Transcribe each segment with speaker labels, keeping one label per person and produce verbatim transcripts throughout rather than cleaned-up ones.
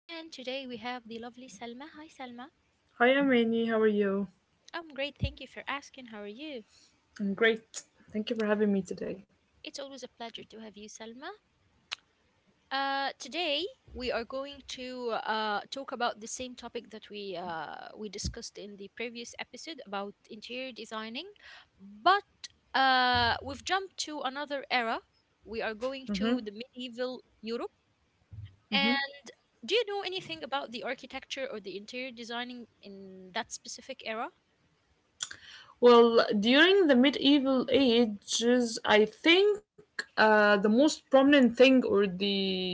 Speaker 1: and today we have the lovely Salma. Hi, Salma.
Speaker 2: Hi, I'm Amy. How are you?
Speaker 1: I'm great. Thank you for asking. How are you?
Speaker 2: I'm great. Thank you for having me today.
Speaker 1: It's always a pleasure to have you, Salma. Uh, today we are going to uh, talk about the same topic that we uh, we discussed in the previous episode about interior designing, but uh, we've jumped to another era. We are going to
Speaker 2: Mhm.
Speaker 1: the medieval Europe. Do you know anything about the architecture or the interior designing in that specific era?
Speaker 2: Well, during the medieval ages, I think uh, the most prominent thing or the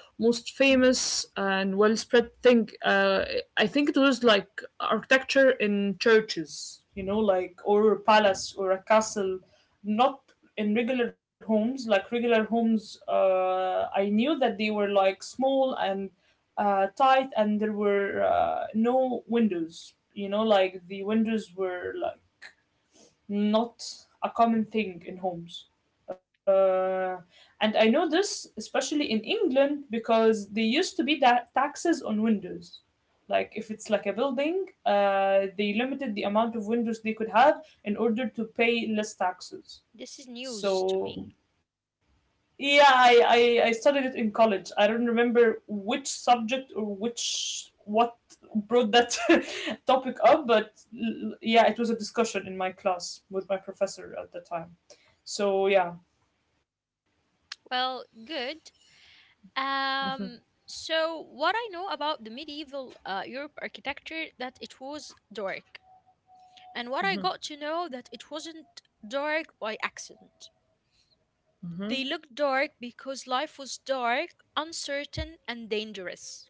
Speaker 2: most famous and well spread thing, uh, I think it was like architecture in churches, you know, like or a palace or a castle, not in regular homes. Like regular homes, uh, I knew that they were like small and uh, tight, and there were uh, no windows, you know like the windows were like not a common thing in homes. Uh, and I know this especially in England because there used to be that taxes on windows. Like if it's like a building, uh, they limited the amount of windows they could have in order to pay less taxes.
Speaker 1: This is news to me.
Speaker 2: So yeah, I, I I studied it in college. I don't remember which subject or which what brought that topic up, but l- yeah, it was a discussion in my class with my professor at the time. So yeah.
Speaker 1: Well, good. Um, so what I know about the medieval uh, Europe architecture that it was dark, and what I got to know that it wasn't dark by accident. They looked dark because life was dark, uncertain, and dangerous.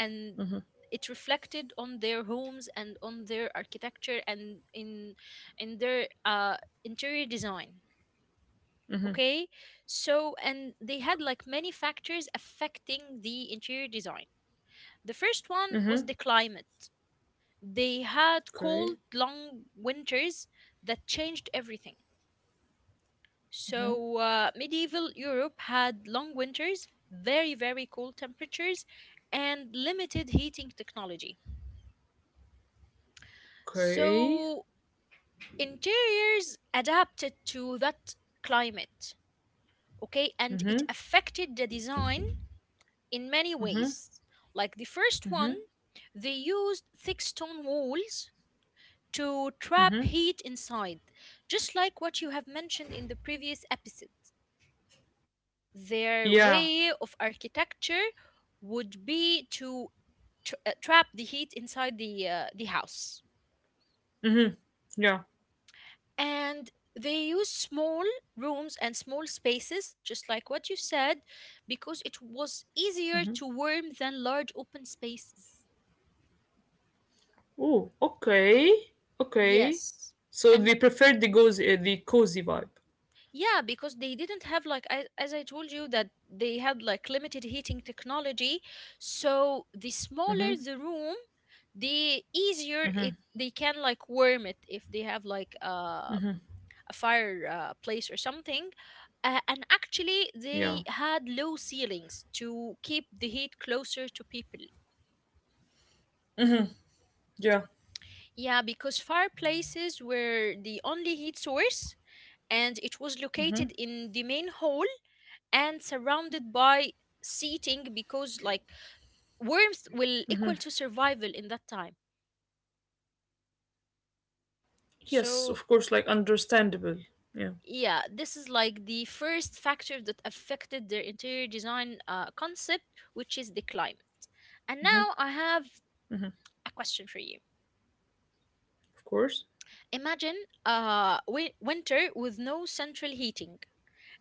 Speaker 1: And it reflected on their homes and on their architecture and in in their uh, interior design. Okay, so and they had like many factors affecting the interior design. The first one was
Speaker 2: Mm-hmm.
Speaker 1: the climate. They had
Speaker 2: Okay.
Speaker 1: cold long winters that changed everything. So uh, medieval europe had long winters, very very cold temperatures and limited heating technology.
Speaker 2: Okay.
Speaker 1: So interiors adapted to that climate, okay, and it
Speaker 2: Mm-hmm.
Speaker 1: affected the design in many
Speaker 2: Mm-hmm.
Speaker 1: ways. Like the first one,
Speaker 2: Mm-hmm.
Speaker 1: they used thick stone walls to trap
Speaker 2: Mm-hmm.
Speaker 1: heat inside, just like what you have mentioned in the previous episode.
Speaker 2: Yeah.
Speaker 1: Their way of architecture would be to tra- uh, trap the heat inside the uh, the house.
Speaker 2: Mm-hmm. Yeah.
Speaker 1: And they used small rooms and small spaces just like what you said, because it was easier to warm than large open spaces.
Speaker 2: Oh, okay. Okay.
Speaker 1: Yes,
Speaker 2: So
Speaker 1: and
Speaker 2: they prefer the goes uh, the cozy vibe.
Speaker 1: yeah, because they didn't have like as, as I told you that they had like limited heating technology. So the
Speaker 2: Mm-hmm.
Speaker 1: smaller the room, the easier it they can like warm it if they have like um, a fire uh, place or something. Uh, and
Speaker 2: Yeah.
Speaker 1: actually, they had low ceilings to keep the heat closer to people.
Speaker 2: Yeah.
Speaker 1: Yeah, because fireplaces were the only heat source, and it was located in the main hall and surrounded by seating, because like worms will equal to survival in that time.
Speaker 2: Yes,
Speaker 1: So
Speaker 2: of course, like understandable. Yeah,
Speaker 1: yeah, this is like the first factor that affected their interior design uh, concept, which is the climate. And now I have a question for you.
Speaker 2: of course.
Speaker 1: Imagine uh wi- winter with no central heating,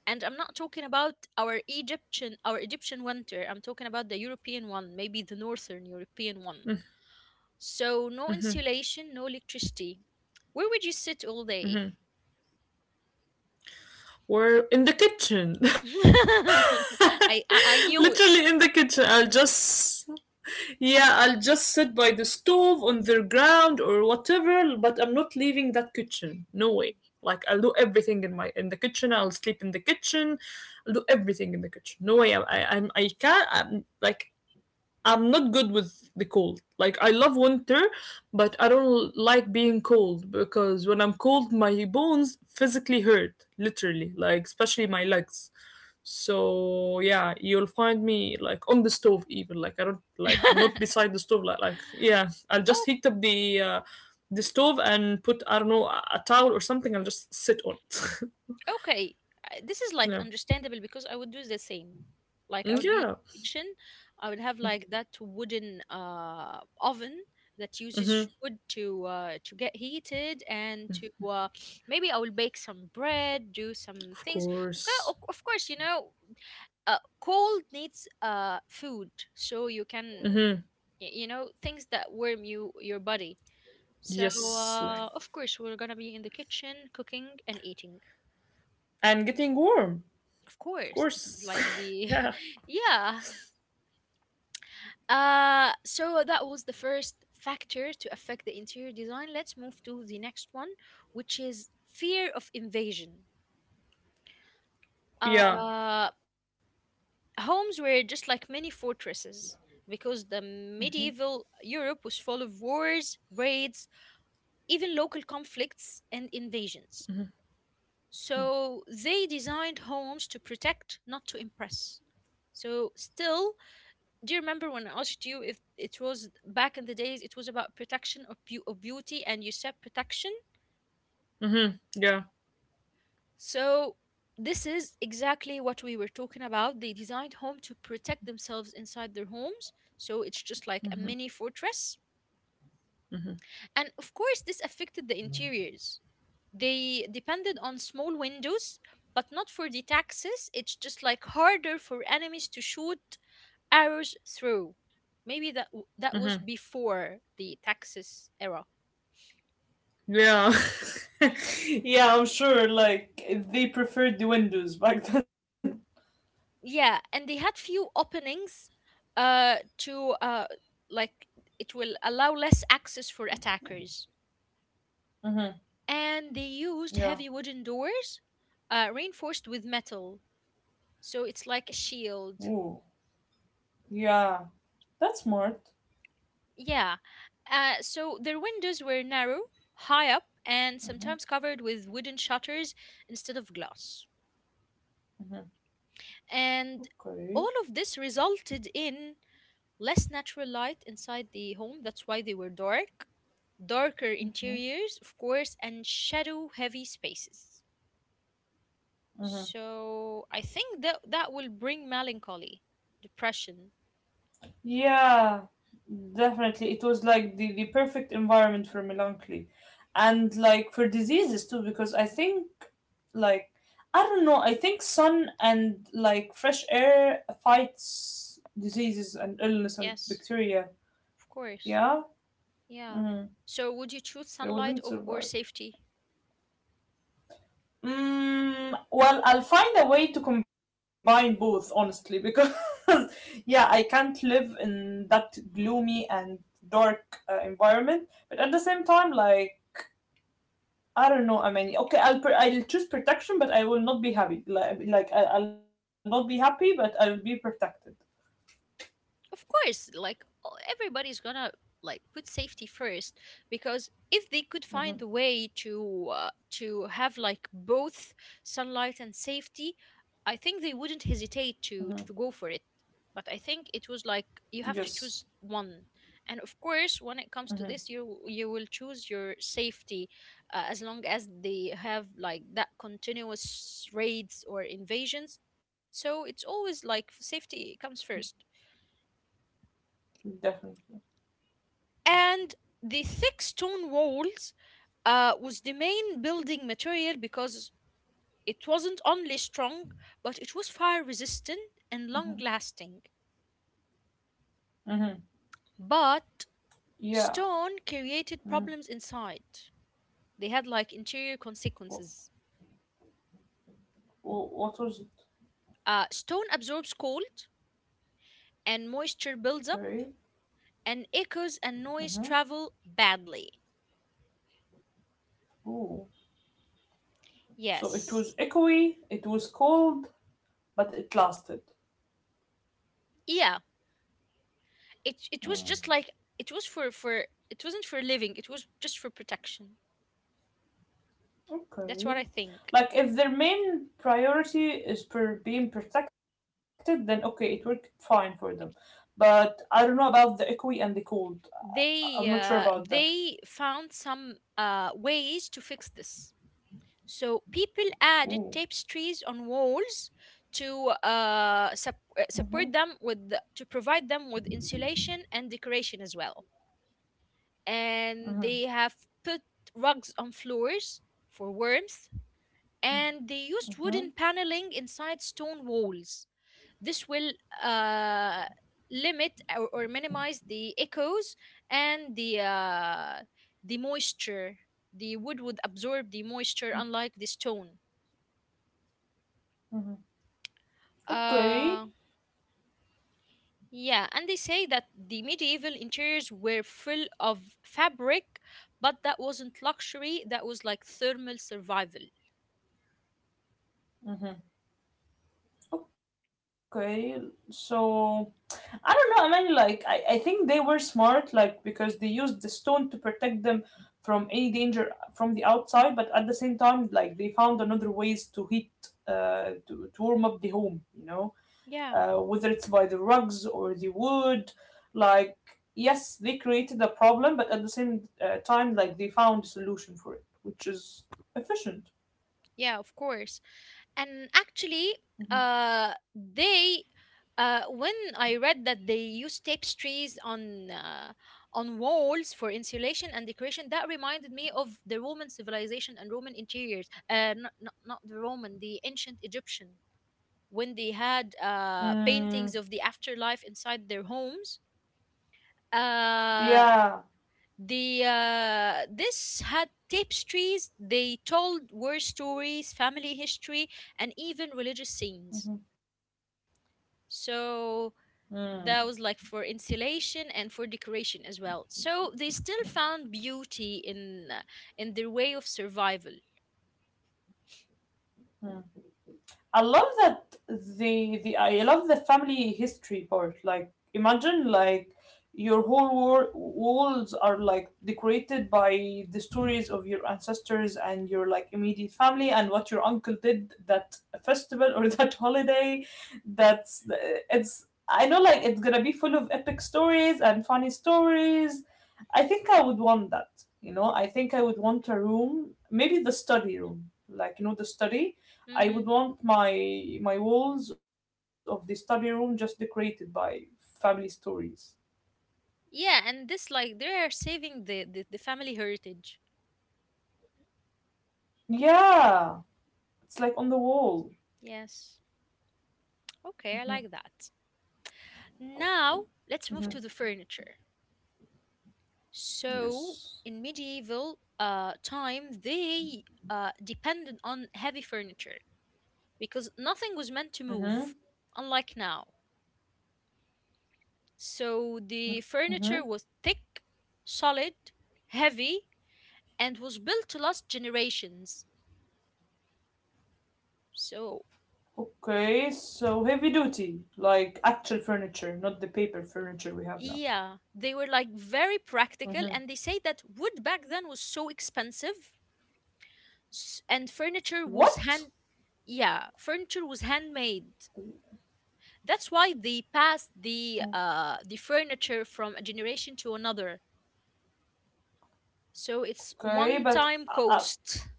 Speaker 1: and I'm not talking about our egyptian our egyptian winter, I'm talking about the european one, maybe the northern european one. So no insulation, no electricity. Where would you sit all day?
Speaker 2: We're in the kitchen.
Speaker 1: I, I I
Speaker 2: Literally in
Speaker 1: knew
Speaker 2: the
Speaker 1: it.
Speaker 2: kitchen. I'll just Yeah, I'll just sit by the stove on the ground or whatever, but I'm not leaving that kitchen. No way. Like I'll do everything in my in the kitchen. I'll sleep in the kitchen. I'll do everything in the kitchen. No way. I I, I'm- I can't. I'm, like I'm not good with the cold. Like I love winter, but I don't like being cold because when I'm cold, my bones physically hurt, literally, like especially my legs. So yeah, you'll find me like on the stove, even like I don't like not beside the stove like like yeah, I'll just
Speaker 1: Oh.
Speaker 2: heat up the uh, the stove and put, I don't know, a a towel or something. I'll just sit on it.
Speaker 1: Okay, uh, this is like
Speaker 2: Yeah.
Speaker 1: understandable because I would do the same. Like I would be in
Speaker 2: Mm,
Speaker 1: the
Speaker 2: yeah,
Speaker 1: kitchen, I would have like that wooden uh oven that uses wood to uh to get heated and to uh maybe I will bake some bread, do some things.
Speaker 2: of
Speaker 1: Okay, of of
Speaker 2: course.
Speaker 1: course, you know, uh cold needs uh food so you can y- you know things that warm you your body. So uh
Speaker 2: Yes,
Speaker 1: of
Speaker 2: like,
Speaker 1: course we're gonna be in the kitchen cooking and eating.
Speaker 2: and getting warm,
Speaker 1: Of
Speaker 2: of
Speaker 1: course, this is
Speaker 2: course.
Speaker 1: like the
Speaker 2: Yeah.
Speaker 1: yeah. Uh, so that was the first factor to affect the interior design. Let's move to the next one, which is fear of invasion.
Speaker 2: Yeah.
Speaker 1: Uh, homes were just like many fortresses because the medieval Europe was full of wars, raids, even local conflicts and invasions. So they designed homes to protect, not to impress. So still, do you remember when I asked you if it was back in the days, it was about protection of, beau- of beauty, and you said protection?
Speaker 2: Yeah.
Speaker 1: So, this is exactly what we were talking about. They designed home to protect themselves inside their homes. So, it's just like a mini fortress. And of course, this affected the interiors. They depended on small windows, but not for the taxes. It's just like harder for enemies to shoot arrows through. Maybe that w- that was before the taxes era.
Speaker 2: Yeah. Yeah, I'm sure like they preferred the windows back then.
Speaker 1: Yeah, and they had few openings uh to uh like it will allow less access for attackers.
Speaker 2: Mm-hmm.
Speaker 1: And they used
Speaker 2: Yeah.
Speaker 1: heavy wooden doors uh reinforced with metal, so it's like a shield.
Speaker 2: Ooh. Yeah, that's smart.
Speaker 1: Yeah, uh so their windows were narrow, high up, and sometimes covered with wooden shutters instead of glass. And
Speaker 2: Okay.
Speaker 1: all of this resulted in less natural light inside the home, that's why they were dark, darker interiors, of course, and shadow heavy spaces. So I think that that will bring melancholy, depression.
Speaker 2: Yeah, definitely. It was like the, the perfect environment for melancholy, and like for diseases too, because I think like I don't know, I think sun and like fresh air fights diseases and illness and
Speaker 1: Yes,
Speaker 2: bacteria.
Speaker 1: of course.
Speaker 2: Yeah?
Speaker 1: Yeah.
Speaker 2: Mm.
Speaker 1: So would you choose
Speaker 2: It
Speaker 1: sunlight
Speaker 2: wouldn't
Speaker 1: or, or
Speaker 2: survive.
Speaker 1: safety?
Speaker 2: Mm, well, I'll find a way to combine both, honestly, because yeah, I can't live in that gloomy and dark uh, environment. But at the same time, like I don't know, I mean, okay, I'll pr- I'll choose protection, but I will not be happy. Like like I- I'll not be happy, but I'll be protected.
Speaker 1: Of course, like o- everybody's gonna like put safety first, because if they could find a way to uh, to have like both sunlight and safety, I think they wouldn't hesitate to to go for it. But I think it was like you have to
Speaker 2: Yes,
Speaker 1: choose one. And of course, when it comes to this, you you will choose your safety uh, as long as they have like that continuous raids or invasions. So it's always like safety comes first.
Speaker 2: definitely.
Speaker 1: And the thick stone walls uh, was the main building material, because it wasn't only strong, but it was fire resistant and long lasting.
Speaker 2: Mm-hmm.
Speaker 1: But
Speaker 2: Yeah.
Speaker 1: stone created problems inside, they had like interior
Speaker 2: What,
Speaker 1: consequences.
Speaker 2: what was it?
Speaker 1: Uh, stone absorbs cold and moisture
Speaker 2: Gray.
Speaker 1: builds up and echoes and noise travel badly.
Speaker 2: Oh, so it was
Speaker 1: Yes,
Speaker 2: echoey. It was cold, but it lasted.
Speaker 1: yeah, it, it was just like it was for for it wasn't for living, it was just for protection. That's
Speaker 2: Okay.
Speaker 1: what I think.
Speaker 2: Like if their main priority is per being protected, then okay, it worked fine for them. But I don't know about the equi and the cold. Uh, I- I'm not sure
Speaker 1: They
Speaker 2: about that.
Speaker 1: uh, they found some uh, ways to fix this. So people added
Speaker 2: Ooh.
Speaker 1: tapestries on walls to uh,
Speaker 2: Mhm.
Speaker 1: sup- uh, support them with the- to provide them with insulation and decoration as well. And they have put rugs on floors for warmth. And they used wooden paneling inside stone walls, this will uh, limit or, or minimize the echoes and the uh, the moisture. The wood would absorb the moisture unlike the stone.
Speaker 2: Okay.
Speaker 1: uh, yeah, and they say that the medieval interiors were full of fabric, but that wasn't luxury, that was like thermal survival.
Speaker 2: Okay. So I don't know. I mean, like I, I think they were smart, like because they used the stone to protect them from any danger from the outside, but at the same time, like they found another ways to heat, uh, to, to warm up the home. You know,
Speaker 1: Yeah,
Speaker 2: uh, whether it's by the rugs or the wood. Like, yes, they created a problem, but at the same uh, time, like, they found a solution for it, which is efficient.
Speaker 1: yeah, of course. And actually uh they uh when I read that they use tapestries on uh, on walls for insulation and decoration, that reminded me of the roman civilization and roman interiors, uh not not, not the roman, the ancient egyptian, when they had uh
Speaker 2: Mm,
Speaker 1: paintings of the afterlife inside their homes. Uh
Speaker 2: yeah.
Speaker 1: the uh This had tapestries, they told war stories, family history, and even religious scenes.
Speaker 2: Mhm.
Speaker 1: So
Speaker 2: Mm.
Speaker 1: that was like for insulation and for decoration as well. So they still found beauty in uh, in their way of survival.
Speaker 2: I love that the the I love the family history part. Like imagine like your whole wor- walls are like decorated by the stories of your ancestors and your like immediate family and what your uncle did that festival or that holiday. That's uh, it's I know like it's gonna be full of epic stories and funny stories. I think I would want that. You know, I think I would want a room, maybe the study room, like you know the study. I would
Speaker 1: Hmm.
Speaker 2: want my my walls of the study room just decorated by family stories.
Speaker 1: Yeah, and this like they are saving the, the the family heritage.
Speaker 2: Yeah, it's like on the wall.
Speaker 1: Yes. Okay, I
Speaker 2: Mm-hmm.
Speaker 1: like that. Now let's move
Speaker 2: Mm-hmm.
Speaker 1: to the furniture. So
Speaker 2: Yes.
Speaker 1: in medieval uh time, they uh depended on heavy furniture, because nothing was meant to
Speaker 2: Mm-hmm.
Speaker 1: move, unlike now. So the
Speaker 2: Mm-hmm.
Speaker 1: furniture was thick, solid, heavy, and was built to last generations. So,
Speaker 2: Okay, so heavy duty, like actual furniture, not the paper furniture we have now.
Speaker 1: yeah, they were like very practical,
Speaker 2: Mm-hmm.
Speaker 1: and they say that wood back then was so expensive, s- and furniture was
Speaker 2: What?
Speaker 1: hand yeah, furniture was handmade. That's why they passed the uh the furniture from a generation to another. So it's
Speaker 2: Okay,
Speaker 1: one
Speaker 2: but
Speaker 1: time
Speaker 2: uh, uh,
Speaker 1: cost.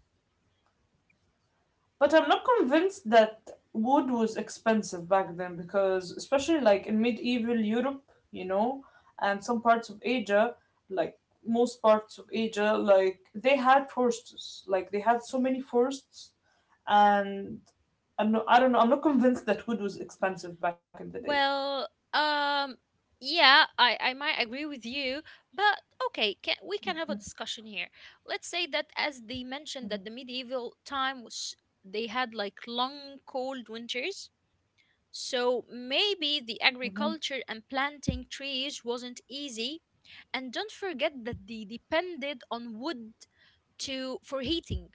Speaker 2: but I'm not convinced that wood was expensive back then because, especially like in medieval Europe, you know, and some parts of Asia, like most parts of Asia, like they had forests, like they had so many forests, and I'm not, I don't know, I'm not convinced that wood was expensive back in the day.
Speaker 1: Well, um, yeah, I, I might agree with you, but okay, can, we can
Speaker 2: Mhm.
Speaker 1: have a discussion here. Let's say that as they mentioned
Speaker 2: Mhm.
Speaker 1: that the medieval time was they had like long cold winters. So maybe the
Speaker 2: Mhm.
Speaker 1: agriculture and planting trees wasn't easy. And don't forget that they depended on wood to for heating.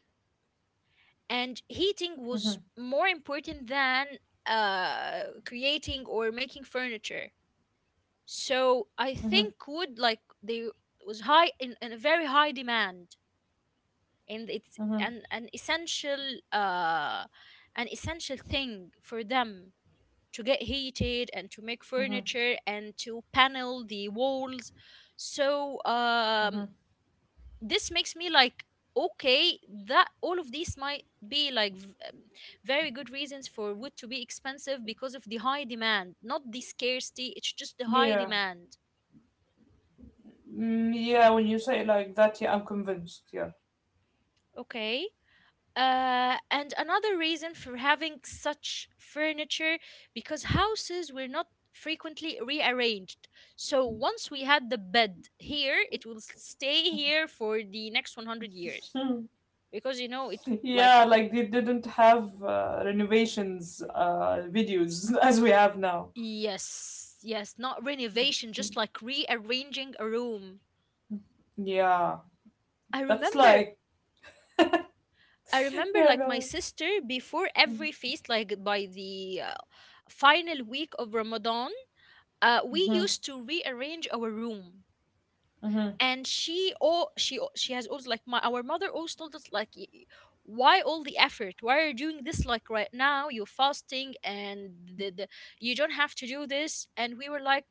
Speaker 1: And heating
Speaker 2: Mhm.
Speaker 1: was more important than uh creating or making furniture. So I
Speaker 2: Mhm.
Speaker 1: think wood like they was high in, in a very high demand, and it's
Speaker 2: Mhm.
Speaker 1: an an essential uh an essential thing for them to get heated and to
Speaker 2: Mhm.
Speaker 1: make furniture and to panel the walls. So
Speaker 2: Mhm.
Speaker 1: um this makes me like okay that all of these might be like v- um, very good reasons for wood to be expensive, because of the high demand, not the scarcity, it's just the high
Speaker 2: Yeah.
Speaker 1: demand.
Speaker 2: Mm, yeah, when you say it like that, yeah, I'm convinced. Yeah.
Speaker 1: Okay. Uh, and another reason for having such furniture, because houses were not frequently rearranged. So once we had the bed here, it will stay here for the next one hundred years because you know it like
Speaker 2: Yeah, like they didn't have uh, renovations uh, videos as we have now.
Speaker 1: yes, yes, not renovation, just like rearranging a room.
Speaker 2: Yeah,
Speaker 1: I
Speaker 2: that's
Speaker 1: remember
Speaker 2: like
Speaker 1: I remember
Speaker 2: yeah,
Speaker 1: like my
Speaker 2: God.
Speaker 1: sister before every feast, like by the uh, final week of Ramadan, uh, we
Speaker 2: Mm-hmm.
Speaker 1: used to rearrange our room.
Speaker 2: Mm-hmm.
Speaker 1: And she, oh, she al- she has always, like, my, our mother always told us like, y- y- why all the effort, why are you doing this? Like, right now you're fasting and the, the, you don't have to do this. And we were like,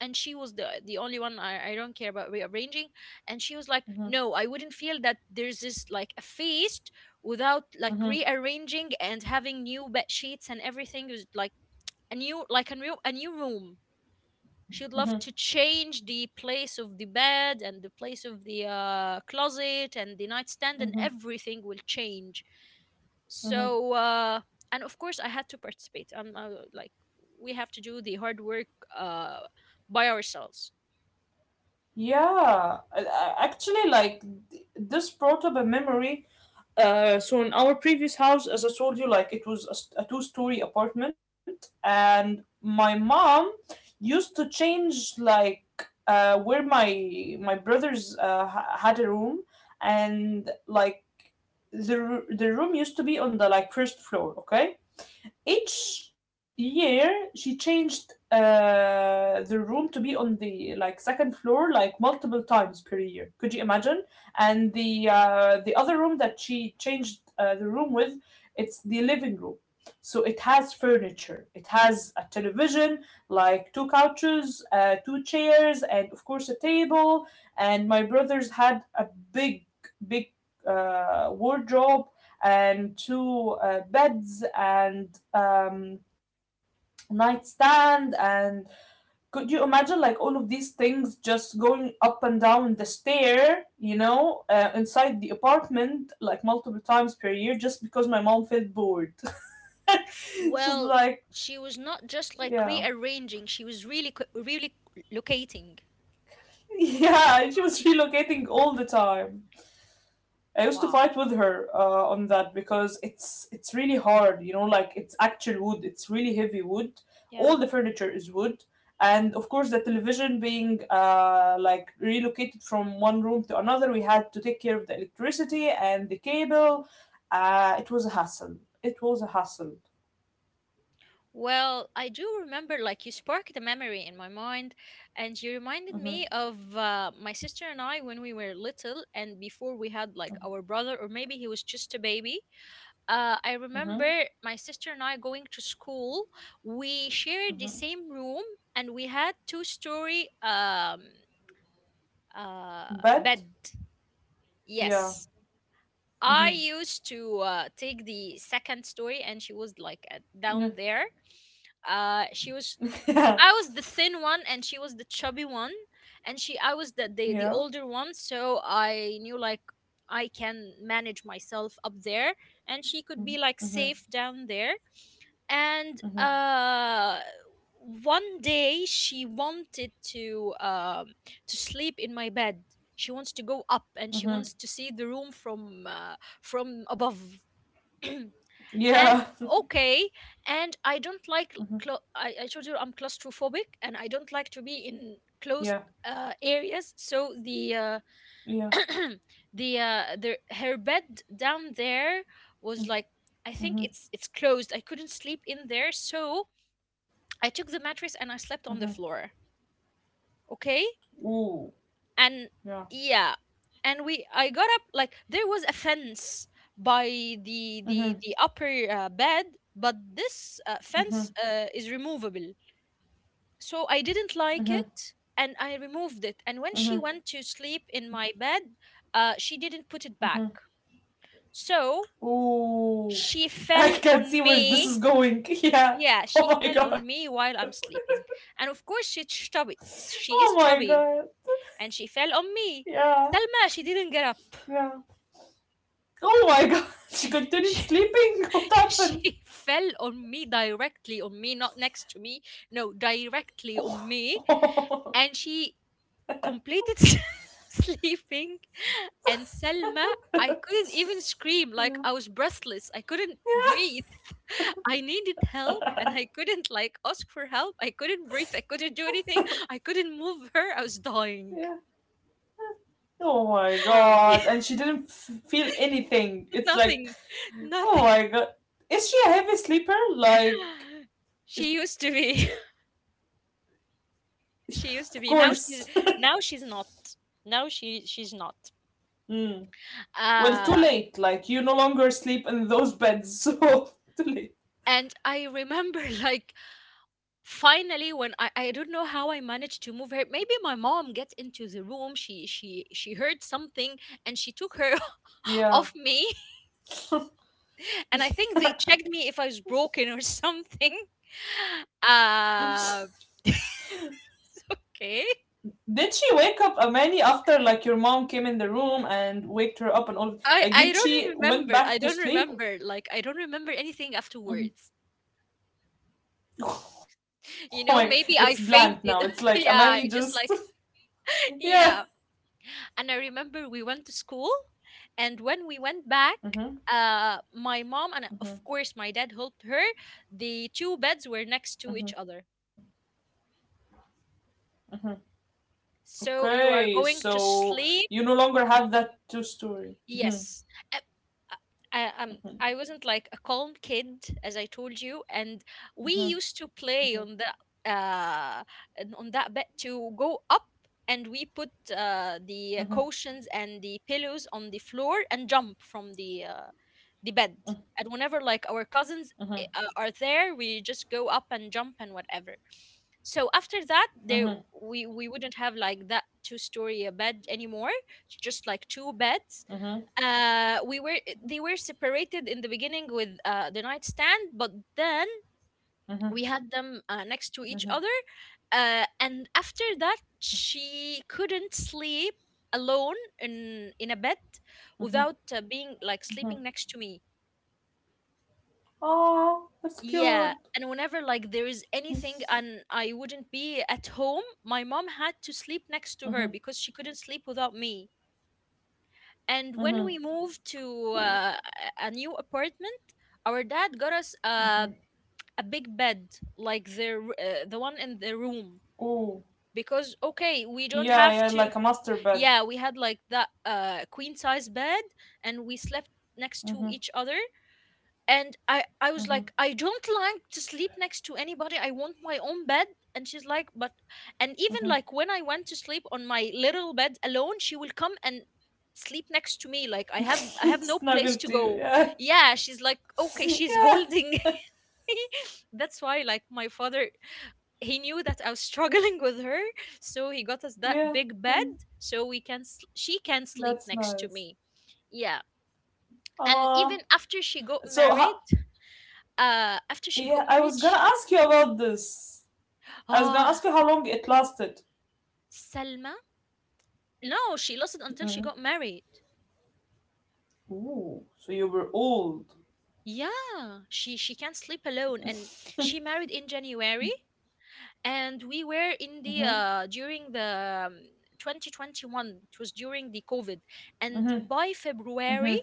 Speaker 1: and she was the the only one. I, I don't care about rearranging. And she was like,
Speaker 2: Mm-hmm.
Speaker 1: no, I wouldn't feel that there's this, like, a feast without like
Speaker 2: Mm-hmm.
Speaker 1: rearranging and having new bed sheets and everything. It was like a new, like a new, a new room. She would love to change the place of the bed and the place of the uh, closet and the nightstand, and
Speaker 2: Mm-hmm.
Speaker 1: everything will change.
Speaker 2: Mm-hmm.
Speaker 1: So uh, and of course I had to participate. I'm uh, like we have to do the hard work, uh, by ourselves.
Speaker 2: Yeah, I- I- actually, like th- this brought up a memory. Uh, so in our previous house, as I told you, like it was a, s- a two-story apartment, and my mom used to change like uh, where my my brothers uh, ha- had a room, and like the r- the room used to be on the like first floor, okay, each year she changed uh, the room to be on the like second floor like multiple times per year. Could you imagine? And the uh, the other room that she changed uh, the room with, it's the living room. So it has furniture. It has a television, like two couches, uh, two chairs, and of course a table. And my brothers had a big, big uh, wardrobe and two uh, beds and um, nightstand, and could you imagine like all of these things just going up and down the stair, you know uh, inside the apartment like multiple times per year just because my mom felt bored. She's
Speaker 1: Well,
Speaker 2: like
Speaker 1: she was not just
Speaker 2: yeah.
Speaker 1: like rearranging, she was really co- really locating.
Speaker 2: Yeah, she was relocating all the time. I used to
Speaker 1: Wow.
Speaker 2: fight with her uh, on that because it's it's really hard, you know, like it's actual wood, it's really heavy wood.
Speaker 1: Yeah.
Speaker 2: All the furniture is wood, and of course the television being uh, like relocated from one room to another, we had to take care of the electricity and the cable. Uh, it was a hassle. It was a hassle.
Speaker 1: Well, I do remember, like, you sparked a memory in my mind, and you reminded
Speaker 2: Hmm.
Speaker 1: me of uh, my sister and I when we were little, and before we had, like, our brother, or maybe he was just a baby. Uh, I
Speaker 2: Hmm.
Speaker 1: remember my sister and I going to school. We shared the
Speaker 2: Hmm.
Speaker 1: same room, and we had two-story um, uh,
Speaker 2: But
Speaker 1: bed.
Speaker 2: yeah,
Speaker 1: Yes. I
Speaker 2: hmm,
Speaker 1: used to uh, take the second story, and she was, like, at,
Speaker 2: yeah,
Speaker 1: down there. Uh she was
Speaker 2: yeah,
Speaker 1: I was the thin one and she was the chubby one. And she, I was the the,
Speaker 2: yeah,
Speaker 1: the older one, so I knew, like, I can manage myself up there and she could be
Speaker 2: hmm,
Speaker 1: like
Speaker 2: hmm,
Speaker 1: safe down there. And uh, one day she wanted to um to sleep in my bed. She wants to go up and she
Speaker 2: hmm,
Speaker 1: wants to see the room from uh, from above. And
Speaker 2: yeah,
Speaker 1: okay, and I don't like
Speaker 2: hmm,
Speaker 1: clo- I, I told you I'm claustrophobic and I don't like to be in
Speaker 2: yeah,
Speaker 1: closed uh, areas. So the uh,
Speaker 2: yeah.
Speaker 1: the uh, the her bed down there was like, I think
Speaker 2: Mhm.
Speaker 1: it's it's closed. I couldn't sleep in there, so I took the mattress and
Speaker 2: Mhm.
Speaker 1: I slept on the floor. Okay.
Speaker 2: Ooh.
Speaker 1: And
Speaker 2: Yeah.
Speaker 1: yeah, and we I got up, like there was a fence by the
Speaker 2: Mhm.
Speaker 1: the the upper uh, bed. But this uh, fence
Speaker 2: Mhm.
Speaker 1: uh, is removable, so I didn't
Speaker 2: Mhm.
Speaker 1: like it and I removed it. And
Speaker 2: Mhm.
Speaker 1: when she went to sleep in my bed, uh, she didn't put it back.
Speaker 2: Mhm.
Speaker 1: So
Speaker 2: Ooh.
Speaker 1: she
Speaker 2: I
Speaker 1: fell
Speaker 2: can see
Speaker 1: on
Speaker 2: where this
Speaker 1: me.
Speaker 2: is going. Yeah.
Speaker 1: Yeah, she
Speaker 2: Oh my
Speaker 1: fell
Speaker 2: god.
Speaker 1: on me while I'm sleeping. And of course she's chubby,
Speaker 2: Oh my
Speaker 1: she is
Speaker 2: god.
Speaker 1: chubby, and she fell on me.
Speaker 2: Yeah.
Speaker 1: Selma, she didn't get up.
Speaker 2: Yeah. Oh my god. She continued
Speaker 1: she,
Speaker 2: sleeping. What happened?
Speaker 1: she fell on me, directly on me, not next to me, no, directly on me.
Speaker 2: Oh.
Speaker 1: And she completed sleeping. And Selma, I couldn't even scream, like
Speaker 2: Yeah.
Speaker 1: I was breathless, I couldn't
Speaker 2: Yeah.
Speaker 1: breathe. I needed help and I couldn't, like, ask for help. I couldn't breathe, I couldn't do anything. I couldn't move her, I was
Speaker 2: Yeah.
Speaker 1: dying.
Speaker 2: Oh my god. And she didn't f- feel anything. It's like
Speaker 1: Nothing.
Speaker 2: Oh
Speaker 1: Nothing.
Speaker 2: my god. Is she a heavy sleeper? Like,
Speaker 1: She
Speaker 2: is it-
Speaker 1: used to be.
Speaker 2: of
Speaker 1: She used to
Speaker 2: course.
Speaker 1: be. Now she's, now she's not. Now she she's not.
Speaker 2: Mm. Well, too
Speaker 1: Uh,
Speaker 2: late. Like, you no longer sleep in those beds, so too late.
Speaker 1: and I remember like finally when I, I don't know how I managed to move her. Maybe my mom get into the room. She, she she heard something, and she took her
Speaker 2: Yeah.
Speaker 1: off me. And I think
Speaker 2: Did
Speaker 1: they checked me if I was broken or something. Uh, okay.
Speaker 2: she wake up Amani after, like, your mom came in the room and waked her up and all? Like,
Speaker 1: I
Speaker 2: did
Speaker 1: I
Speaker 2: she
Speaker 1: don't
Speaker 2: went back
Speaker 1: remember.
Speaker 2: to
Speaker 1: I don't
Speaker 2: sleep?
Speaker 1: remember. Like, I don't remember anything
Speaker 2: Mhm.
Speaker 1: afterwards.
Speaker 2: Oh my,
Speaker 1: You
Speaker 2: it's
Speaker 1: know,
Speaker 2: blank
Speaker 1: maybe
Speaker 2: now.
Speaker 1: I
Speaker 2: It's like
Speaker 1: fainted.
Speaker 2: Amani just.
Speaker 1: Yeah, I just like
Speaker 2: Yeah.
Speaker 1: yeah. And I remember we went to school, and when we went back,
Speaker 2: Mm-hmm.
Speaker 1: uh, my mom, and
Speaker 2: Mm-hmm.
Speaker 1: of course my dad, helped her. The two beds were next to
Speaker 2: Mm-hmm.
Speaker 1: each other. So
Speaker 2: Okay,
Speaker 1: you are going to
Speaker 2: so you no
Speaker 1: sleep.
Speaker 2: longer have that two story. Mhm.
Speaker 1: Yes. Uh, uh, I, um, I wasn't like a calm kid, as I told you. And we
Speaker 2: Mhm.
Speaker 1: used to play
Speaker 2: Mhm.
Speaker 1: on the uh and on that bed to go up, and we put uh, the
Speaker 2: Mhm.
Speaker 1: cushions and the pillows on the floor and jump from the uh, the bed. And whenever like our cousins i-
Speaker 2: Mhm.
Speaker 1: uh, are there, we just go up and jump and whatever. So after that, there
Speaker 2: Mhm.
Speaker 1: we we wouldn't have like that two story bed anymore. It's just like two beds.
Speaker 2: Mhm.
Speaker 1: Uh we were, they were separated in the beginning with uh, the nightstand, but then
Speaker 2: Mhm.
Speaker 1: we had them uh,
Speaker 2: Mhm.
Speaker 1: next to each other. Uh and after that she couldn't sleep alone in in a bed
Speaker 2: Mhm.
Speaker 1: without uh, being, like,
Speaker 2: Mhm.
Speaker 1: sleeping next to me.
Speaker 2: Oh, that's
Speaker 1: Yeah,
Speaker 2: cute.
Speaker 1: and whenever like there is anything and I wouldn't be at home, my mom had to sleep next to her because she couldn't sleep without me. And when
Speaker 2: Oh,
Speaker 1: we moved to uh, a a new apartment, our dad got us a a big bed, like the r- uh, the one in the
Speaker 2: oh,
Speaker 1: room. Because okay,
Speaker 2: yeah,
Speaker 1: we
Speaker 2: yeah,
Speaker 1: don't
Speaker 2: like a
Speaker 1: have to.
Speaker 2: master bed.
Speaker 1: Yeah, we had like that uh, queen size bed, and we slept next to
Speaker 2: Mm-hmm.
Speaker 1: each other. And i i was
Speaker 2: Mm-hmm.
Speaker 1: like, I don't like to sleep next to anybody, I want my own bed. And she's like, but, and even
Speaker 2: Mm-hmm.
Speaker 1: like when I went to sleep on my little bed alone, she will come and sleep next to me. Like, I have, I have no place
Speaker 2: Snuggle
Speaker 1: to
Speaker 2: to you,
Speaker 1: go.
Speaker 2: yeah,
Speaker 1: Yeah, she's like, okay, she's
Speaker 2: yeah,
Speaker 1: holding. That's why, like, my father, he knew that I was struggling with her, so he got us that
Speaker 2: yeah.
Speaker 1: big bed,
Speaker 2: Mm,
Speaker 1: so we can s she can sleep
Speaker 2: that's
Speaker 1: next to
Speaker 2: nice.
Speaker 1: me. Yeah. And
Speaker 2: Ah,
Speaker 1: even after she got
Speaker 2: so
Speaker 1: married,
Speaker 2: ha-
Speaker 1: uh, after she
Speaker 2: yeah,
Speaker 1: got
Speaker 2: I was
Speaker 1: married,
Speaker 2: gonna
Speaker 1: sh
Speaker 2: ask you about this. I was gonna
Speaker 1: ah,
Speaker 2: ask you how long it lasted.
Speaker 1: Salma? No, she lost it until she
Speaker 2: Mhm.
Speaker 1: got married.
Speaker 2: Ooh, so you were old.
Speaker 1: Yeah, she she can't sleep alone. And
Speaker 2: Mhm.
Speaker 1: she married in January, and we were in the uh during the um, twenty twenty-one. It was during the COVID, and
Speaker 2: Mhm.
Speaker 1: by February,
Speaker 2: Mhm.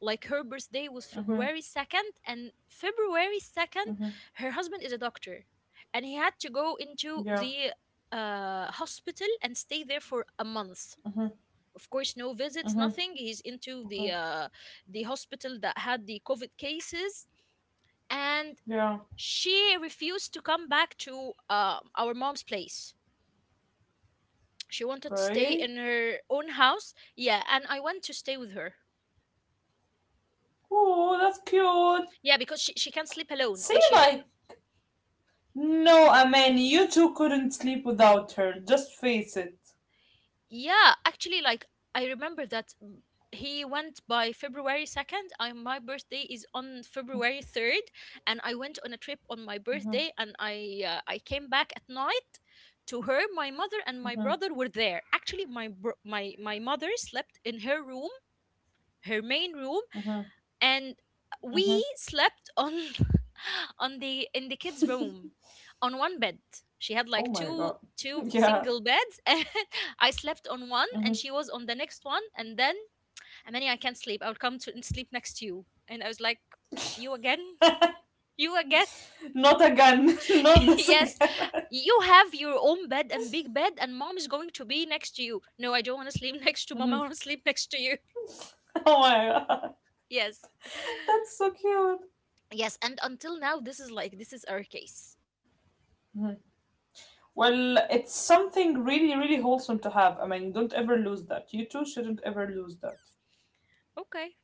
Speaker 1: like her birthday was
Speaker 2: Mhm.
Speaker 1: February second, and February second,
Speaker 2: Mhm.
Speaker 1: her husband is a doctor, and he had to go into
Speaker 2: Yeah.
Speaker 1: the uh hospital and stay there for a month.
Speaker 2: Mhm.
Speaker 1: Of course, no visits,
Speaker 2: Mhm.
Speaker 1: nothing. He's into
Speaker 2: Okay.
Speaker 1: the uh, the hospital that had the COVID cases. And
Speaker 2: Yeah.
Speaker 1: she refused to come back to uh, our mom's place. She wanted to stay
Speaker 2: Okay.
Speaker 1: in her own house. Yeah, and I went to stay with her.
Speaker 2: Oh, that's cute.
Speaker 1: Yeah, because she, she can't sleep alone
Speaker 2: See,
Speaker 1: and she don't.
Speaker 2: like, no, I mean, you two couldn't sleep without her. Just face it.
Speaker 1: Yeah, actually, like I remember that, mm, he went by February second. I, my birthday is on February third, and I went on a trip on my
Speaker 2: Mhm.
Speaker 1: birthday, and I uh, I came back at night to her. My mother and my
Speaker 2: Mhm.
Speaker 1: brother were there. Actually, my bro- my, my mother slept in her room, her main room,
Speaker 2: Mhm.
Speaker 1: and we
Speaker 2: Mhm.
Speaker 1: slept on on the, in the kids' room, on one bed. She had
Speaker 2: Oh
Speaker 1: like
Speaker 2: my god.
Speaker 1: two two
Speaker 2: Yeah.
Speaker 1: single beds. And I slept on one
Speaker 2: Mhm.
Speaker 1: and she was on the next one. And then, Amani, I can't sleep, I'll come to and sleep next to you. And I was like, you again? You again?
Speaker 2: Not again. Not this
Speaker 1: Yes.
Speaker 2: again.
Speaker 1: You have your own bed and big bed, and mom is going to be next to you. No, I don't want to sleep next to mom, I want
Speaker 2: Mhm.
Speaker 1: to sleep next to you.
Speaker 2: Oh my god.
Speaker 1: Yes.
Speaker 2: That's so cute.
Speaker 1: Yes, and until now, this is like, this is our case.
Speaker 2: Mhm. Well, it's something really, really wholesome to have. I mean, don't ever lose that. You two shouldn't ever lose that.
Speaker 1: Okay.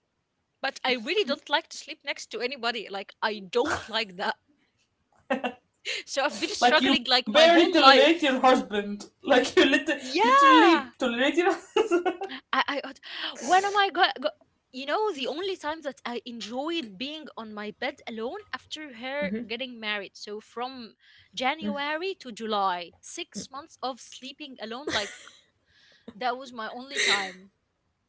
Speaker 1: But I really don't like to sleep next to anybody. Like, I don't like that. So I've been struggling
Speaker 2: Like,
Speaker 1: like
Speaker 2: you
Speaker 1: my
Speaker 2: barely
Speaker 1: whole
Speaker 2: tolerate your
Speaker 1: life.
Speaker 2: husband. Like, you lit-
Speaker 1: Yeah.
Speaker 2: literally tolerate your
Speaker 1: I, I uh, when am I going go- you know, the only time that I enjoyed being on my bed alone, after her getting married. So from January to July, six months of sleeping alone, like that was my only time.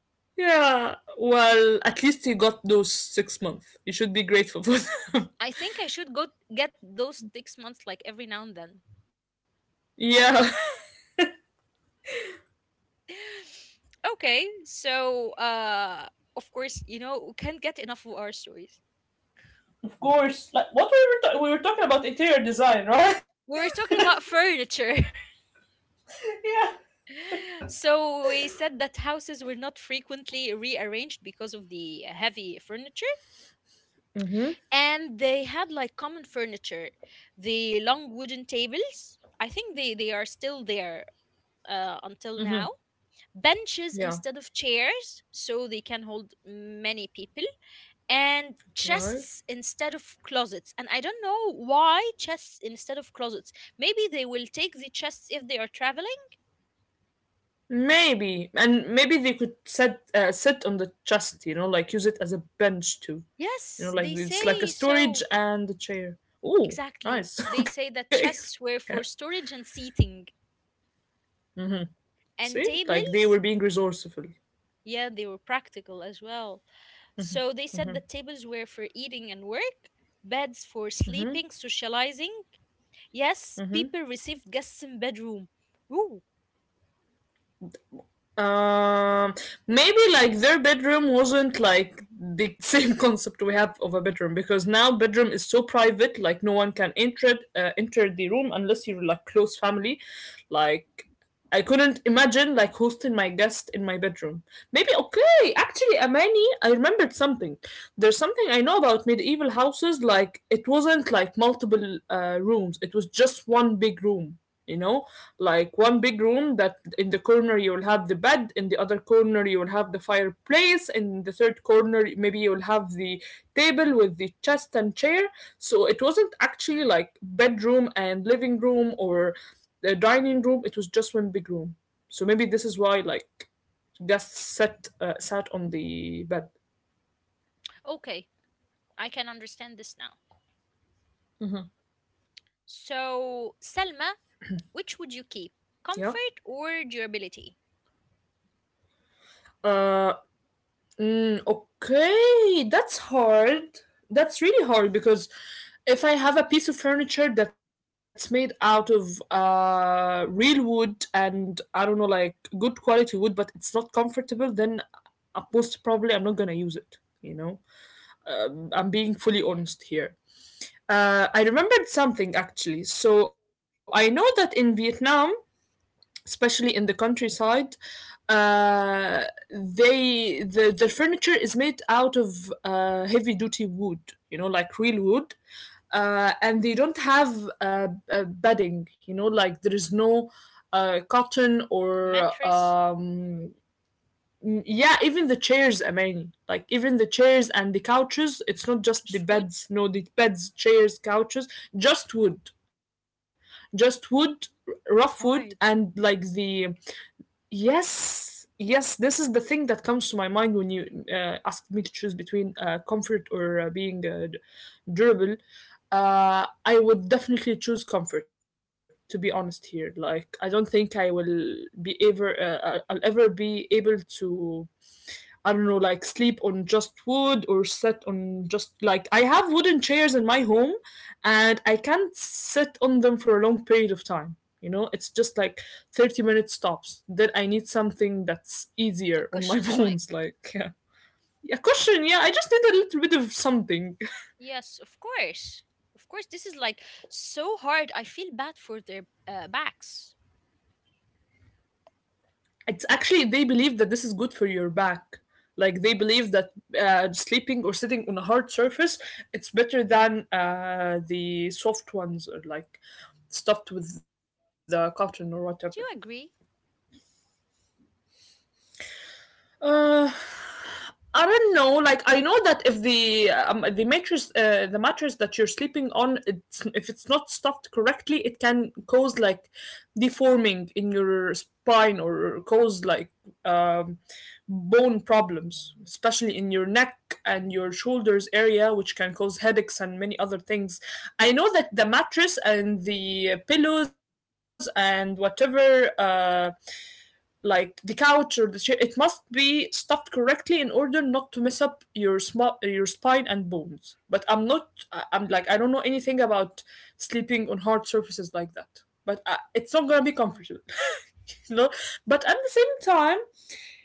Speaker 2: Yeah, well, at least you got those six months. You should be grateful for them.
Speaker 1: I think I should go get those six months like every now and then.
Speaker 2: Yeah.
Speaker 1: Okay, so uh, of course, you know, we can't get enough of our stories.
Speaker 2: Of course. Like, what we were, ta- we were talking about interior design, right?
Speaker 1: We were talking about furniture.
Speaker 2: Yeah.
Speaker 1: So we said that houses were not frequently rearranged because of the heavy furniture.
Speaker 2: Mm-hmm.
Speaker 1: And they had like common furniture, the long wooden tables. I think they, they are still there uh, until
Speaker 2: Mm-hmm.
Speaker 1: now. Benches
Speaker 2: Yeah.
Speaker 1: instead of chairs, so they can hold many people, and
Speaker 2: Okay.
Speaker 1: chests instead of closets. And I don't know why chests instead of closets. Maybe they will take the chests if they are traveling.
Speaker 2: Maybe, and maybe they could sit uh, sit on the chest, you know, like use it as a bench too, you know,
Speaker 1: Yes,
Speaker 2: like
Speaker 1: they
Speaker 2: it's like a
Speaker 1: say
Speaker 2: storage
Speaker 1: so.
Speaker 2: and a chair. Oh,
Speaker 1: Exactly,
Speaker 2: nice.
Speaker 1: they say
Speaker 2: Okay,
Speaker 1: that
Speaker 2: yeah.
Speaker 1: chests were for storage and seating.
Speaker 2: See,
Speaker 1: And
Speaker 2: like they were
Speaker 1: tables,
Speaker 2: being resourceful.
Speaker 1: yeah, they were practical as well. So they said that tables were for eating and work, beds for sleeping, socializing. Yes, people received guests in bedroom. Ooh.
Speaker 2: Um, Maybe like their bedroom wasn't like the same concept we have of a bedroom because now bedroom is so private, like no one can enter it, uh, enter the room unless you're like close family. Like I couldn't imagine like hosting my guest in my bedroom. Maybe okay, actually, Amani, I remembered something. There's something I know about medieval houses. Like it wasn't like multiple uh, rooms; it was just one big room. You know, like one big room that in the corner you will have the bed, in the other corner you will have the fireplace, in the third corner maybe you will have the table with the chest and chair. So it wasn't actually like bedroom and living room or the dining room, it was just one big room. So maybe this is why like guests sat uh, sat on the bed.
Speaker 1: Okay, I can understand this now. So, Selma, which would you keep?
Speaker 2: Yeah.
Speaker 1: Comfort or durability?
Speaker 2: Uh, mm, okay, that's hard. That's really hard because if I have a piece of furniture that's made out of uh, real wood and I don't know, like good quality wood, but it's not comfortable, then uh, most probably I'm not gonna use it. You know, um, I'm being fully honest here. Uh, I remembered something actually. So I know that in Vietnam, especially in the countryside, uh, they the, their furniture is made out of uh, heavy duty wood, you know, like real wood. Uh, and they don't have uh, uh, bedding, you know, like there is no uh, cotton or
Speaker 1: Mattress?
Speaker 2: um, n- yeah, even the chairs. I mean, like even the chairs and the couches, it's not just the
Speaker 1: Just wood?
Speaker 2: beds. No, the beds, chairs, couches, just wood. Just wood. R- rough wood,
Speaker 1: That's
Speaker 2: and
Speaker 1: hard.
Speaker 2: like the yes, yes, this is the thing that comes to my mind when you uh, asked me to choose between uh, comfort or uh, being uh, d- durable. Uh, I would definitely choose comfort, to be honest here. Like, I don't think I will be ever, uh, I- I'll ever be able to I don't know, like sleep on just wood or sit on just like I have wooden chairs in my home and I can't sit on them for a long period of time. You know, it's just like thirty minutes stops. Then I need something that's
Speaker 1: A
Speaker 2: easier on my
Speaker 1: cushion, like.
Speaker 2: bones. Like, yeah. A cushion, yeah. I just need a little bit of something.
Speaker 1: Yes, of course. Of course, this is like so hard. I feel bad for their uh, backs.
Speaker 2: It's actually they believe that this is good for your back. Like they believe that uh, sleeping or sitting on a hard surface, it's better than uh, the soft ones or like stuffed with the cotton or whatever.
Speaker 1: Do you agree?
Speaker 2: Uh, I don't know. Like I know that if the um, the mattress, uh, the mattress that you're sleeping on, it's, if it's not stuffed correctly, it can cause like deforming in your spine or cause like um, bone problems, especially in your neck and your shoulders area, which can cause headaches and many other things. I know that the mattress and the pillows and whatever. Uh, like the couch or the chair. It must be stuffed correctly in order not to mess up your sm- your spine and bones. But I'm not. I- I'm like I don't know anything about sleeping on hard surfaces like that. But I, it's not gonna be
Speaker 1: Hmm.
Speaker 2: comfortable, you know. But at the same time,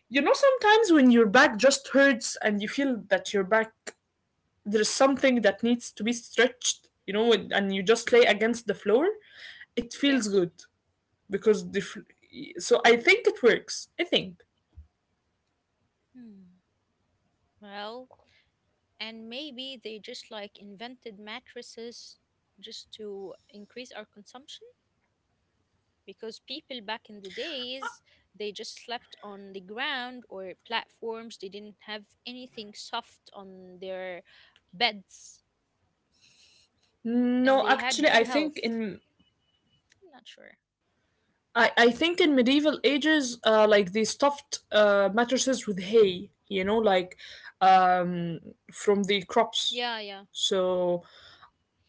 Speaker 2: you know, sometimes when your back just hurts and you feel that your back there's something that needs to be stretched, you know, and and you just lay against the floor, it feels
Speaker 1: Yes.
Speaker 2: good because the. Fl- so I think it works. I think
Speaker 1: Hmm. Well, and maybe they just like invented mattresses just to increase our consumption? Because people back in the days, they just slept on the ground or platforms. They didn't have anything soft on their beds, and
Speaker 2: no,
Speaker 1: they had
Speaker 2: actually,
Speaker 1: good
Speaker 2: I think
Speaker 1: health.
Speaker 2: in
Speaker 1: I'm not sure.
Speaker 2: I, I think in medieval ages, uh, like they stuffed uh, mattresses with hay, you know, like um, from the crops.
Speaker 1: Yeah, yeah.
Speaker 2: So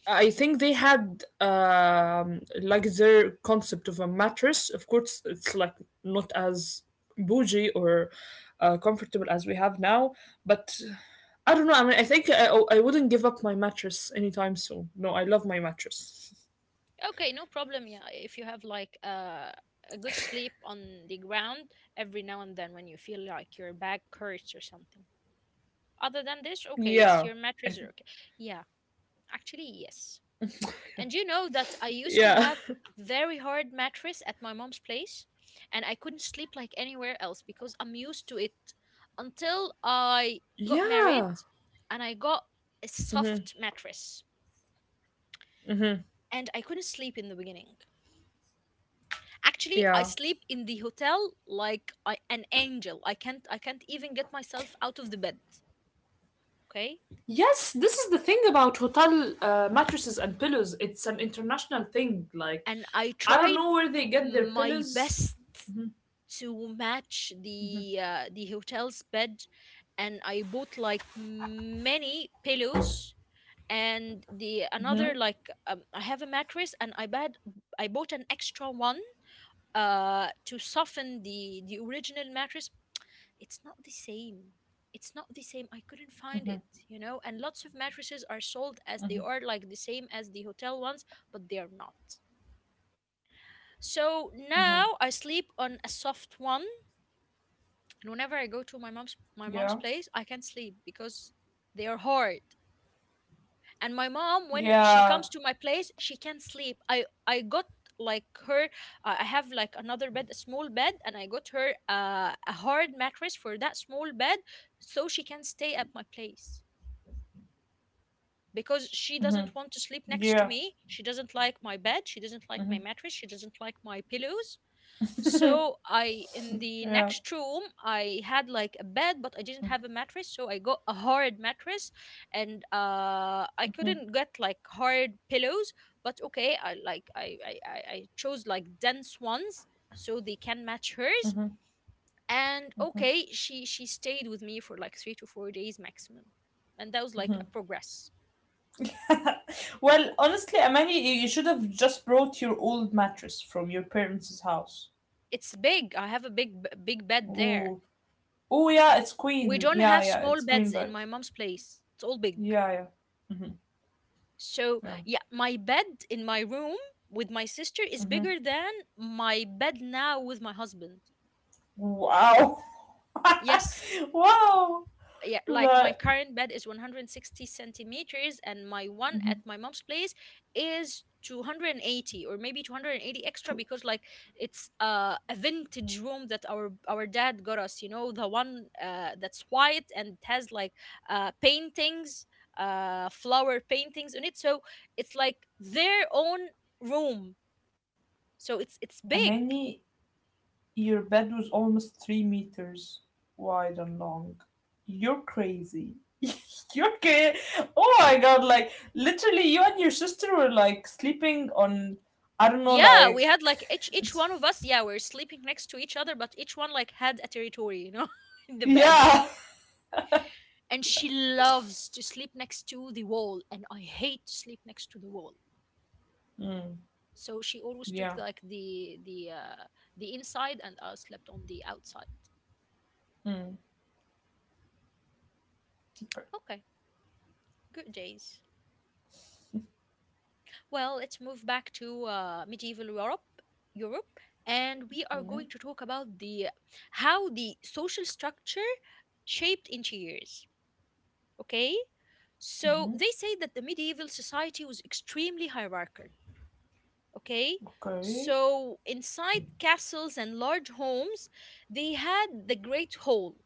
Speaker 2: I think they had um, like their concept of a mattress. Of course, it's like not as bougie or uh, comfortable as we have now, but I don't know. I mean, I think I, I wouldn't give up my mattress anytime soon. No, I love my mattress.
Speaker 1: Okay, no problem, yeah. If you have like uh, a good sleep on the ground every now and then when you feel like your back hurts or something other than this, okay, it's
Speaker 2: Yeah.
Speaker 1: your
Speaker 2: I
Speaker 1: mattress,
Speaker 2: th-
Speaker 1: or okay. Yeah, actually yes. And you know that I used to
Speaker 2: yeah.
Speaker 1: have very hard mattress at my mom's place, and I couldn't sleep like anywhere else because I'm used to it until I got married,
Speaker 2: Yeah.
Speaker 1: and I got a soft mattress, and I couldn't sleep in the beginning. Actually, I
Speaker 2: Yeah.
Speaker 1: sleep in the hotel like I, an angel. I can't I can't even get myself out of the bed, okay?
Speaker 2: Yes, this is the thing about hotel uh, mattresses and pillows. It's an international thing. Like,
Speaker 1: And I
Speaker 2: I don't
Speaker 1: tried
Speaker 2: know where they get their
Speaker 1: my
Speaker 2: pillows.
Speaker 1: best to match the uh, the hotel's bed, and I bought like many pillows. And the another like um, I have a mattress and I bad, I bought an extra one uh to soften the the original mattress. It's not the same. It's not the same, I couldn't find it, you know. And lots of mattresses are sold as they are like the same as the hotel ones, but they are not. So now I sleep on a soft one, and whenever I go to my mom's my mom's
Speaker 2: Yeah.
Speaker 1: place I can't sleep because they are hard. And my mom, when she
Speaker 2: Yeah.
Speaker 1: comes to my place, she can't sleep. I i got like her uh, I have like another bed, a small bed, and I got her uh, a hard mattress for that small bed so she can stay at my place because she doesn't want to sleep next to
Speaker 2: Yeah.
Speaker 1: me. She doesn't like my bed, she doesn't like my mattress, she doesn't like my pillows. So I, in the
Speaker 2: Yeah.
Speaker 1: next room, I had like a bed, but I didn't have a mattress, so I got a hard mattress, and uh, I couldn't get like hard pillows. But okay, I like I I I I chose like dense ones so they can match hers. And okay, she she stayed with me for like three to four days maximum, and that was like a progress.
Speaker 2: Well, honestly, Amani, you- you should have just brought your old mattress from your parents' house.
Speaker 1: It's big. I have a big b- big bed there.
Speaker 2: Ooh. Oh yeah, it's
Speaker 1: We
Speaker 2: queen.
Speaker 1: don't
Speaker 2: Yeah,
Speaker 1: have
Speaker 2: yeah,
Speaker 1: small
Speaker 2: it's queen
Speaker 1: beds in
Speaker 2: bed.
Speaker 1: my mom's place. It's all big.
Speaker 2: Yeah, yeah,
Speaker 1: So,
Speaker 2: yeah.
Speaker 1: yeah, my bed in my room with my sister is bigger than my bed now with my husband.
Speaker 2: Wow.
Speaker 1: Yes,
Speaker 2: Wow.
Speaker 1: yeah, like my
Speaker 2: Like,
Speaker 1: current bed is one hundred sixty centimeters, and my one at my mom's place is two hundred eighty, or maybe two hundred eighty
Speaker 2: to
Speaker 1: extra, because like it's uh, a vintage room that our our dad got us, you know, the one uh, that's white and it has like uh, paintings uh, flower paintings on it. So it's like their own room, so it's
Speaker 2: a
Speaker 1: it's big.
Speaker 2: many, your bed was almost three meters wide and long. You're crazy. You're crazy. Oh my god, like, literally, you and your sister were like sleeping on, I don't know,
Speaker 1: Yeah, we
Speaker 2: like,
Speaker 1: had like each each
Speaker 2: it's,
Speaker 1: one of us, yeah, we're sleeping next to each other, but each one like had a territory, you know, in the bed.
Speaker 2: yeah.
Speaker 1: And she loves to sleep next to the wall, and I hate to sleep next to the wall.
Speaker 2: Mm,
Speaker 1: So she always took
Speaker 2: yeah.
Speaker 1: like the the uh, the inside, and I slept on the outside.
Speaker 2: Mm. Okay.
Speaker 1: Okay, good days. Well, let's move back to uh, medieval Europe, Europe, and we are going
Speaker 2: Okay.
Speaker 1: to talk about the how the social structure shaped interiors. Okay, so they say that the medieval society was extremely hierarchical. Okay,
Speaker 2: Okay.
Speaker 1: so inside castles and large homes, they had the great hall,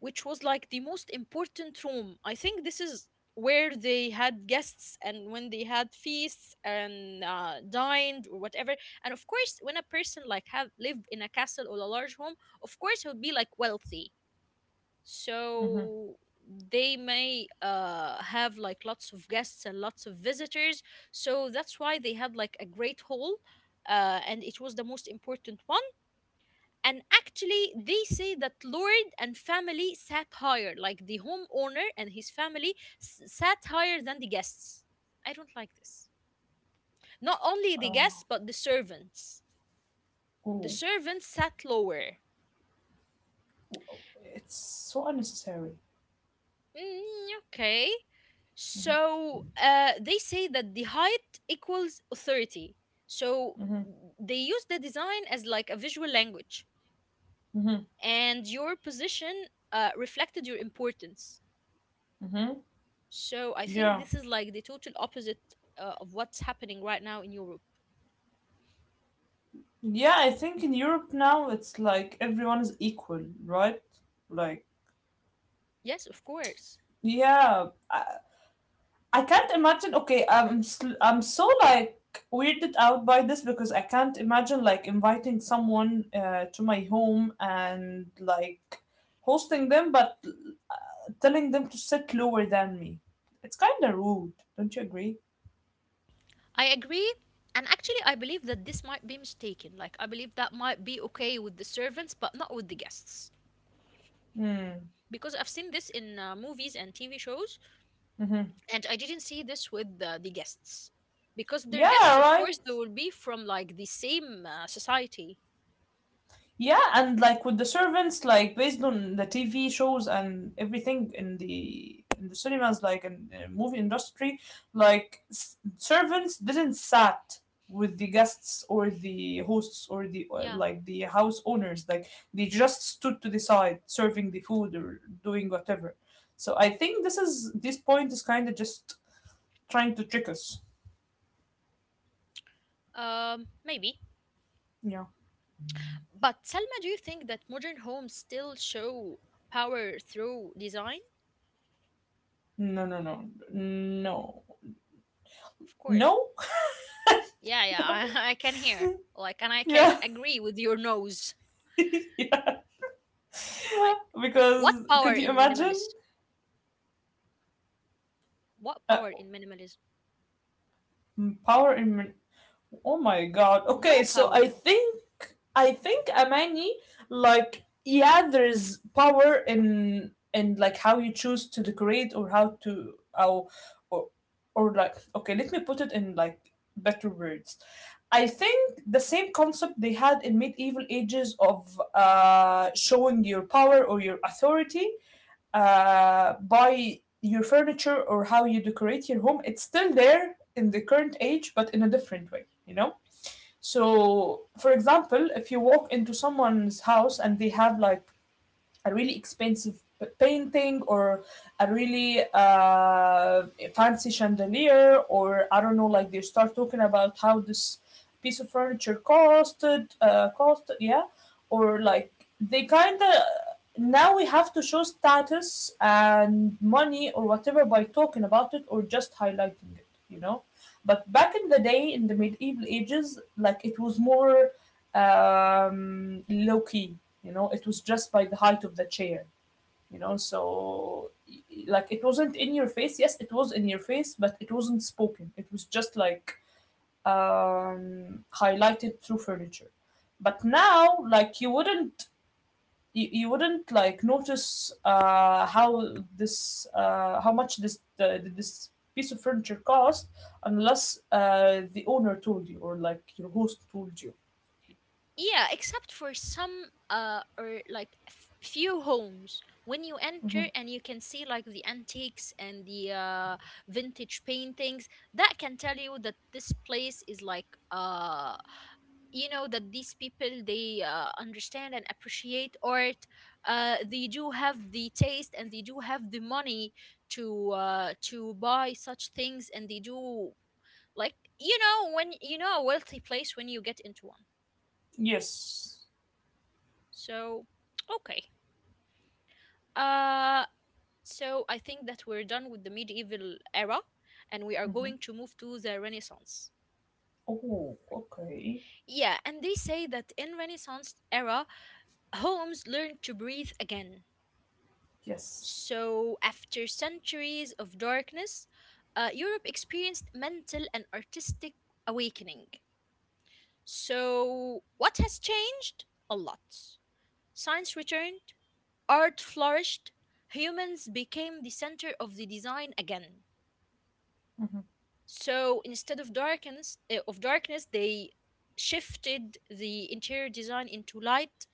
Speaker 1: which was like the most important room. I think this is where they had guests, and when they had feasts and uh, dined or whatever. And of course, when a person like have lived in a castle or a large home, of course he would be like wealthy. So they may uh, have like lots of guests and lots of visitors, so that's why they had like a great hall uh, and it was the most important one. And actually they say that lord and family sat higher, like the homeowner and his family s- sat higher than the guests. I don't like this. Not only the guests,
Speaker 2: Uh,
Speaker 1: but the servants, the
Speaker 2: oh,
Speaker 1: servants sat lower.
Speaker 2: it's so unnecessary.
Speaker 1: Mm, okay. So uh, they say that the height equals authority. So
Speaker 2: Mm-hmm.
Speaker 1: they use the design as like a visual language,
Speaker 2: Mm-hmm.
Speaker 1: and your position uh, reflected your importance.
Speaker 2: Mm-hmm.
Speaker 1: So I think
Speaker 2: Yeah.
Speaker 1: this is like the total opposite uh, of what's happening right now in Europe.
Speaker 2: Yeah, I think in Europe now it's like everyone is equal, right? Like,
Speaker 1: Yes, of course.
Speaker 2: yeah, I, I can't imagine. Okay, I'm sl- I'm so like weirded out by this because I can't imagine like inviting someone uh, to my home and like hosting them, but telling them to sit lower than me. It's kind of rude, don't you agree?
Speaker 1: I agree. And actually, I believe that this might be mistaken. Like, I believe that might be okay with the servants, but not with the guests.
Speaker 2: Hmm.
Speaker 1: Because I've seen this in uh, movies and T V shows,
Speaker 2: Mm-hmm.
Speaker 1: and I didn't see this with the, the guests, because their
Speaker 2: Yeah,
Speaker 1: guests, of
Speaker 2: right.
Speaker 1: course, they will be from like the same uh, society.
Speaker 2: Yeah, and like with the servants, like based on the T V shows and everything in the in the cinemas, like in the movie industry, like s- servants didn't sat with the guests or the hosts or the or,
Speaker 1: Yeah,
Speaker 2: like the house owners. Like they just stood to the side serving the food or doing whatever. So I think this is this point is kind of just trying to trick us.
Speaker 1: um, maybe.
Speaker 2: Yeah.
Speaker 1: But Selma, do you think that modern homes still show power through design?
Speaker 2: No, no, no, no, no.
Speaker 1: Of course. Yeah, yeah, I, I can hear. Like, and I can
Speaker 2: Yeah.
Speaker 1: agree with your nose.
Speaker 2: Yeah.
Speaker 1: Like, what
Speaker 2: Because
Speaker 1: power
Speaker 2: could you
Speaker 1: in
Speaker 2: imagine
Speaker 1: minimalist? What
Speaker 2: uh,
Speaker 1: power in minimalism?
Speaker 2: power in oh my god, okay,
Speaker 1: No
Speaker 2: so I
Speaker 1: power.
Speaker 2: think i think amani like yeah, there's power in in like how you choose to decorate or how to how, or or like okay, let me put it in like better words. I think the same concept they had in medieval ages of uh, showing your power or your authority, uh, by your furniture or how you decorate your home, it's still there in the current age but in a different way, you know. So for example, if you walk into someone's house and they have like a really expensive painting or a really uh, fancy chandelier or I don't know, like they start talking about how this piece of furniture costed uh, cost yeah, or like they kind of now we have to show status and money or whatever by talking about it or just highlighting it, you know. But back in the day in the medieval ages, like it was more um, low key. You know, it was just by the height of the chair. You know, so like it wasn't in your face. Yes, it was in your face, but it wasn't spoken. It was just like um, highlighted through furniture. But now, like you wouldn't, you, you wouldn't like notice uh, how this, uh, how much this the, this piece of furniture cost unless uh, the owner told you or like your host told you.
Speaker 1: Yeah, except for some uh or like f- few homes when you enter
Speaker 2: Mm-hmm.
Speaker 1: and you can see like the antiques and the uh vintage paintings that can tell you that this place is like uh, you know, that these people, they uh, understand and appreciate art. Uh, they do have the taste and they do have the money to uh to buy such things, and they do, like, you know when you know a wealthy place when you get into one.
Speaker 2: Yes.
Speaker 1: So, okay. Uh, so I think that we're done with the medieval era, and we are
Speaker 2: Hmm.
Speaker 1: going to move to the Renaissance.
Speaker 2: Oh, okay.
Speaker 1: Yeah, and they say that in Renaissance era, homes learned to breathe again.
Speaker 2: Yes.
Speaker 1: So, after centuries of darkness, uh, Europe experienced mental and artistic awakening. So, what has changed? A lot. Science returned, art flourished, humans became the center of the design again.
Speaker 2: Hmm.
Speaker 1: So instead of darkness, uh, of darkness, they shifted the interior design into light,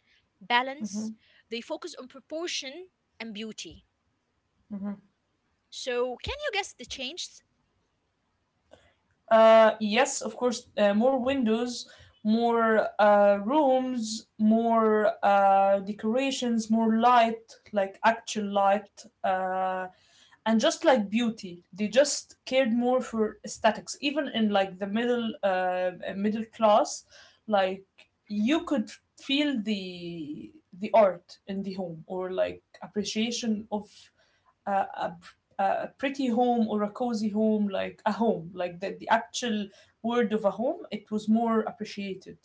Speaker 2: Hmm.
Speaker 1: balance. They focus on proportion and beauty. So can you guess the changes?
Speaker 2: Uh, yes, of course. Uh, more windows, more uh, rooms, more uh, decorations, more light, like actual light, uh, and just like beauty. They just cared more for aesthetics. Even in like the middle, uh, middle class, like you could feel the the art in the home or like appreciation of a, a, a pretty home or a cozy home, like a home, like the, the actual word of a home, it was more appreciated.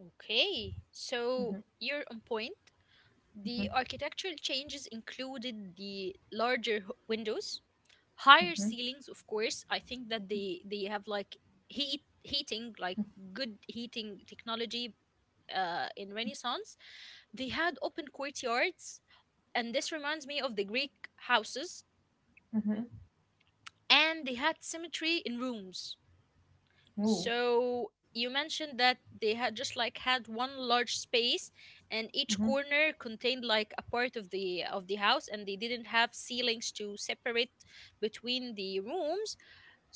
Speaker 1: Okay, so you're on point. The architectural changes included the larger h- windows, higher ceilings. Of course, I think that they they have like heat heating, like good heating technology uh, in Renaissance. They had open courtyards, and this reminds me of the Greek houses.
Speaker 2: Mm-hmm.
Speaker 1: And they had symmetry in rooms.
Speaker 2: Ooh.
Speaker 1: So you mentioned that they had just like had one large space, and each
Speaker 2: Mm-hmm.
Speaker 1: corner contained like a part of the of the house, and they didn't have ceilings to separate between the rooms.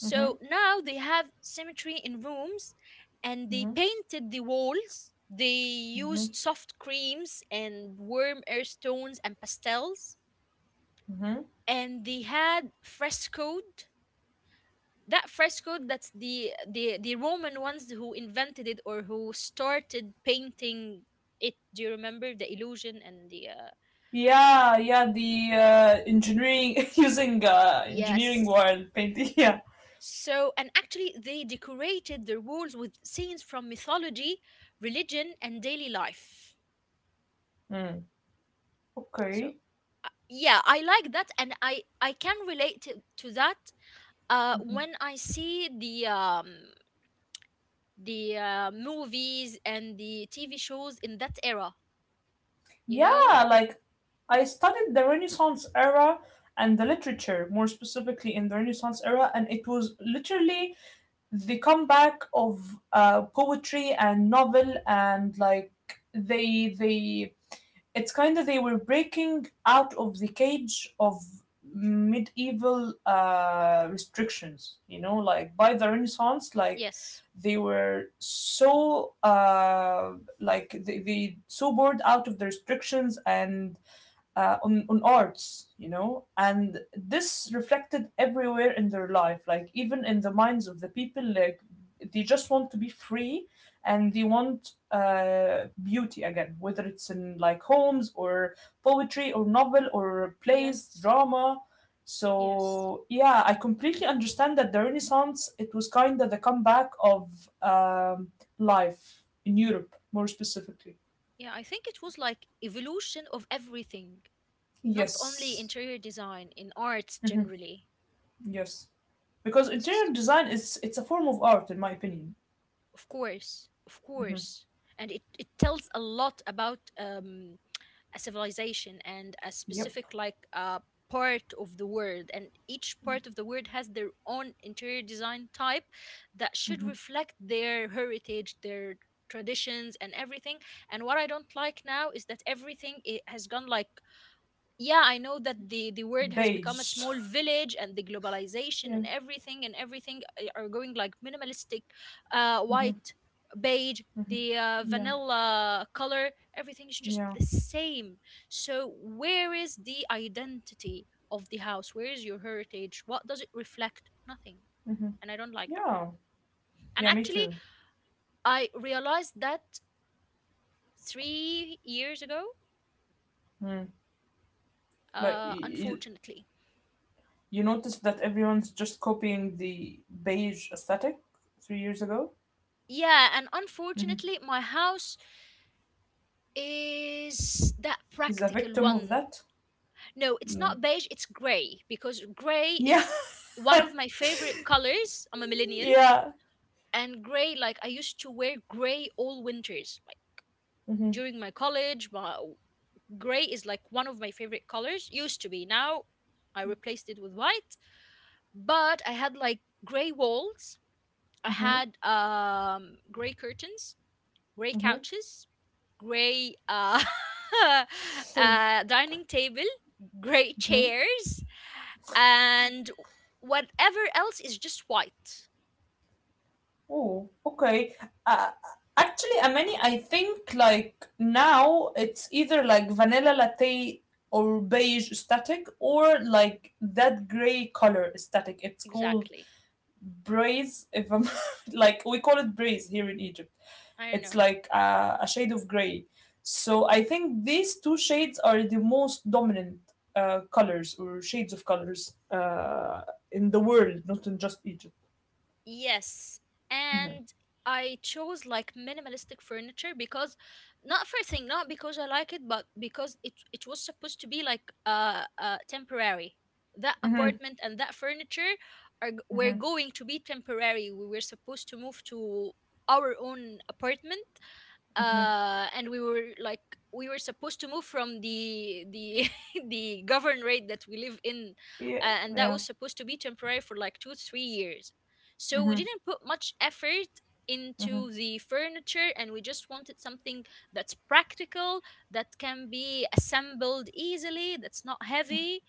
Speaker 2: Mm-hmm.
Speaker 1: now they have symmetry in rooms, and they
Speaker 2: Mm-hmm.
Speaker 1: painted the walls. They
Speaker 2: Mm-hmm.
Speaker 1: used soft creams and warm earth tones and pastels.
Speaker 2: Mm-hmm.
Speaker 1: And they had frescoed. That frescoed, that's the, the, the Roman ones who invented it, or who started painting it. Do you remember the illusion and the. Uh,
Speaker 2: Yeah, yeah, the uh, engineering using uh, engineering
Speaker 1: yes.
Speaker 2: world painting. Yeah.
Speaker 1: So, and actually, they decorated their walls with scenes from mythology, religion, and daily life.
Speaker 2: Mm.
Speaker 1: So
Speaker 2: Okay.
Speaker 1: yeah, I like that, and I I can relate to, to that uh,
Speaker 2: Mhm.
Speaker 1: when I see the um, the uh, movies and the T V shows in that era. You
Speaker 2: Yeah,
Speaker 1: know,
Speaker 2: like I studied the Renaissance era and the literature, more specifically in the Renaissance era, and it was literally the comeback of uh, poetry and novel and like they they it's kind of they were breaking out of the cage of medieval uh, restrictions, you know, like by the Renaissance, like
Speaker 1: yes,
Speaker 2: they were so uh, like they, they so bored out of the restrictions and uh, on, on arts, you know, and this reflected everywhere in their life, like even in the minds of the people, like they just want to be free and they want uh, beauty again, whether it's in like homes or poetry or novel or plays,
Speaker 1: yes,
Speaker 2: drama.
Speaker 1: yes,
Speaker 2: So yeah, I completely understand that the Renaissance it was kind of the comeback of um, life in Europe, more specifically.
Speaker 1: yeah. I think it was like evolution of everything, not only
Speaker 2: Yes.
Speaker 1: interior design in arts
Speaker 2: Mhm.
Speaker 1: generally.
Speaker 2: Yes, because interior
Speaker 1: S-
Speaker 2: design is it's a form of art, in my opinion.
Speaker 1: Of course, of
Speaker 2: Hmm.
Speaker 1: course, and it it tells a lot about um, a civilization and a
Speaker 2: Yep.
Speaker 1: specific like uh, part of the world, and each part of the world has their own interior design type that should
Speaker 2: Hmm.
Speaker 1: reflect their heritage, their traditions, and everything. And what I don't like now is that everything it has gone like, yeah, I know that the the word has become a
Speaker 2: Beige.
Speaker 1: small village and the globalization
Speaker 2: Yeah.
Speaker 1: and everything, and everything a- are going like minimalistic, uh,
Speaker 2: Hmm.
Speaker 1: white, beige,
Speaker 2: Hmm.
Speaker 1: the uh,
Speaker 2: Yeah.
Speaker 1: vanilla color. Everything is just
Speaker 2: Yeah.
Speaker 1: the same. So where is the identity of the house, where is your heritage, what does it reflect? Nothing.
Speaker 2: Hmm.
Speaker 1: And I don't like that.
Speaker 2: Yeah.
Speaker 1: And
Speaker 2: Yeah. Me
Speaker 1: actually
Speaker 2: too.
Speaker 1: I realized that three years ago,
Speaker 2: Mm. Like
Speaker 1: uh,
Speaker 2: you,
Speaker 1: unfortunately.
Speaker 2: you notice that everyone's just copying the beige aesthetic three years ago.
Speaker 1: Yeah, and
Speaker 2: Hmm.
Speaker 1: unfortunately, my house is that
Speaker 2: Is a
Speaker 1: practical
Speaker 2: victim of
Speaker 1: one.
Speaker 2: that.
Speaker 1: No, it's
Speaker 2: Mm.
Speaker 1: not beige, it's gray, because gray
Speaker 2: Yeah.
Speaker 1: is one of my favorite colors. I'm a millennial,
Speaker 2: Yeah.
Speaker 1: and gray, like I used to wear gray all winters. Like
Speaker 2: Hmm.
Speaker 1: during my college, my gray is like one of my favorite colors, used to be. Now I replaced it with white, but I had like gray walls. I
Speaker 2: Hmm.
Speaker 1: had um gray curtains, gray couches, gray uh,
Speaker 2: Hmm.
Speaker 1: uh, dining table, gray chairs, and whatever else is just white.
Speaker 2: Oh, okay. Uh, actually, Amani, I think like now it's either like vanilla latte or beige static or like that gray color static. It's called
Speaker 1: Exactly.
Speaker 2: braise. If I'm like, we call it braise here in Egypt.
Speaker 1: I don't
Speaker 2: It's
Speaker 1: know.
Speaker 2: like uh, a shade of gray. So I think these two shades are the most dominant uh, colors or shades of colors uh, in the world, not in just Egypt.
Speaker 1: Yes,
Speaker 2: Hmm.
Speaker 1: and I chose like minimalistic furniture because not for a thing, not because I like it, but because it it was supposed to be like uh, uh temporary. That apartment and that furniture are g- were
Speaker 2: Hmm.
Speaker 1: going to be temporary. We were supposed to move to our own apartment uh and we were like we were supposed to move from the the the governorate that we live in,
Speaker 2: Yeah,
Speaker 1: uh, and that
Speaker 2: yeah.
Speaker 1: was supposed to be temporary for like two three years. So we
Speaker 2: Mhm,
Speaker 1: didn't put much effort
Speaker 2: mhm,
Speaker 1: into the furniture, and we just wanted something that's practical, that can be assembled easily, that's not heavy.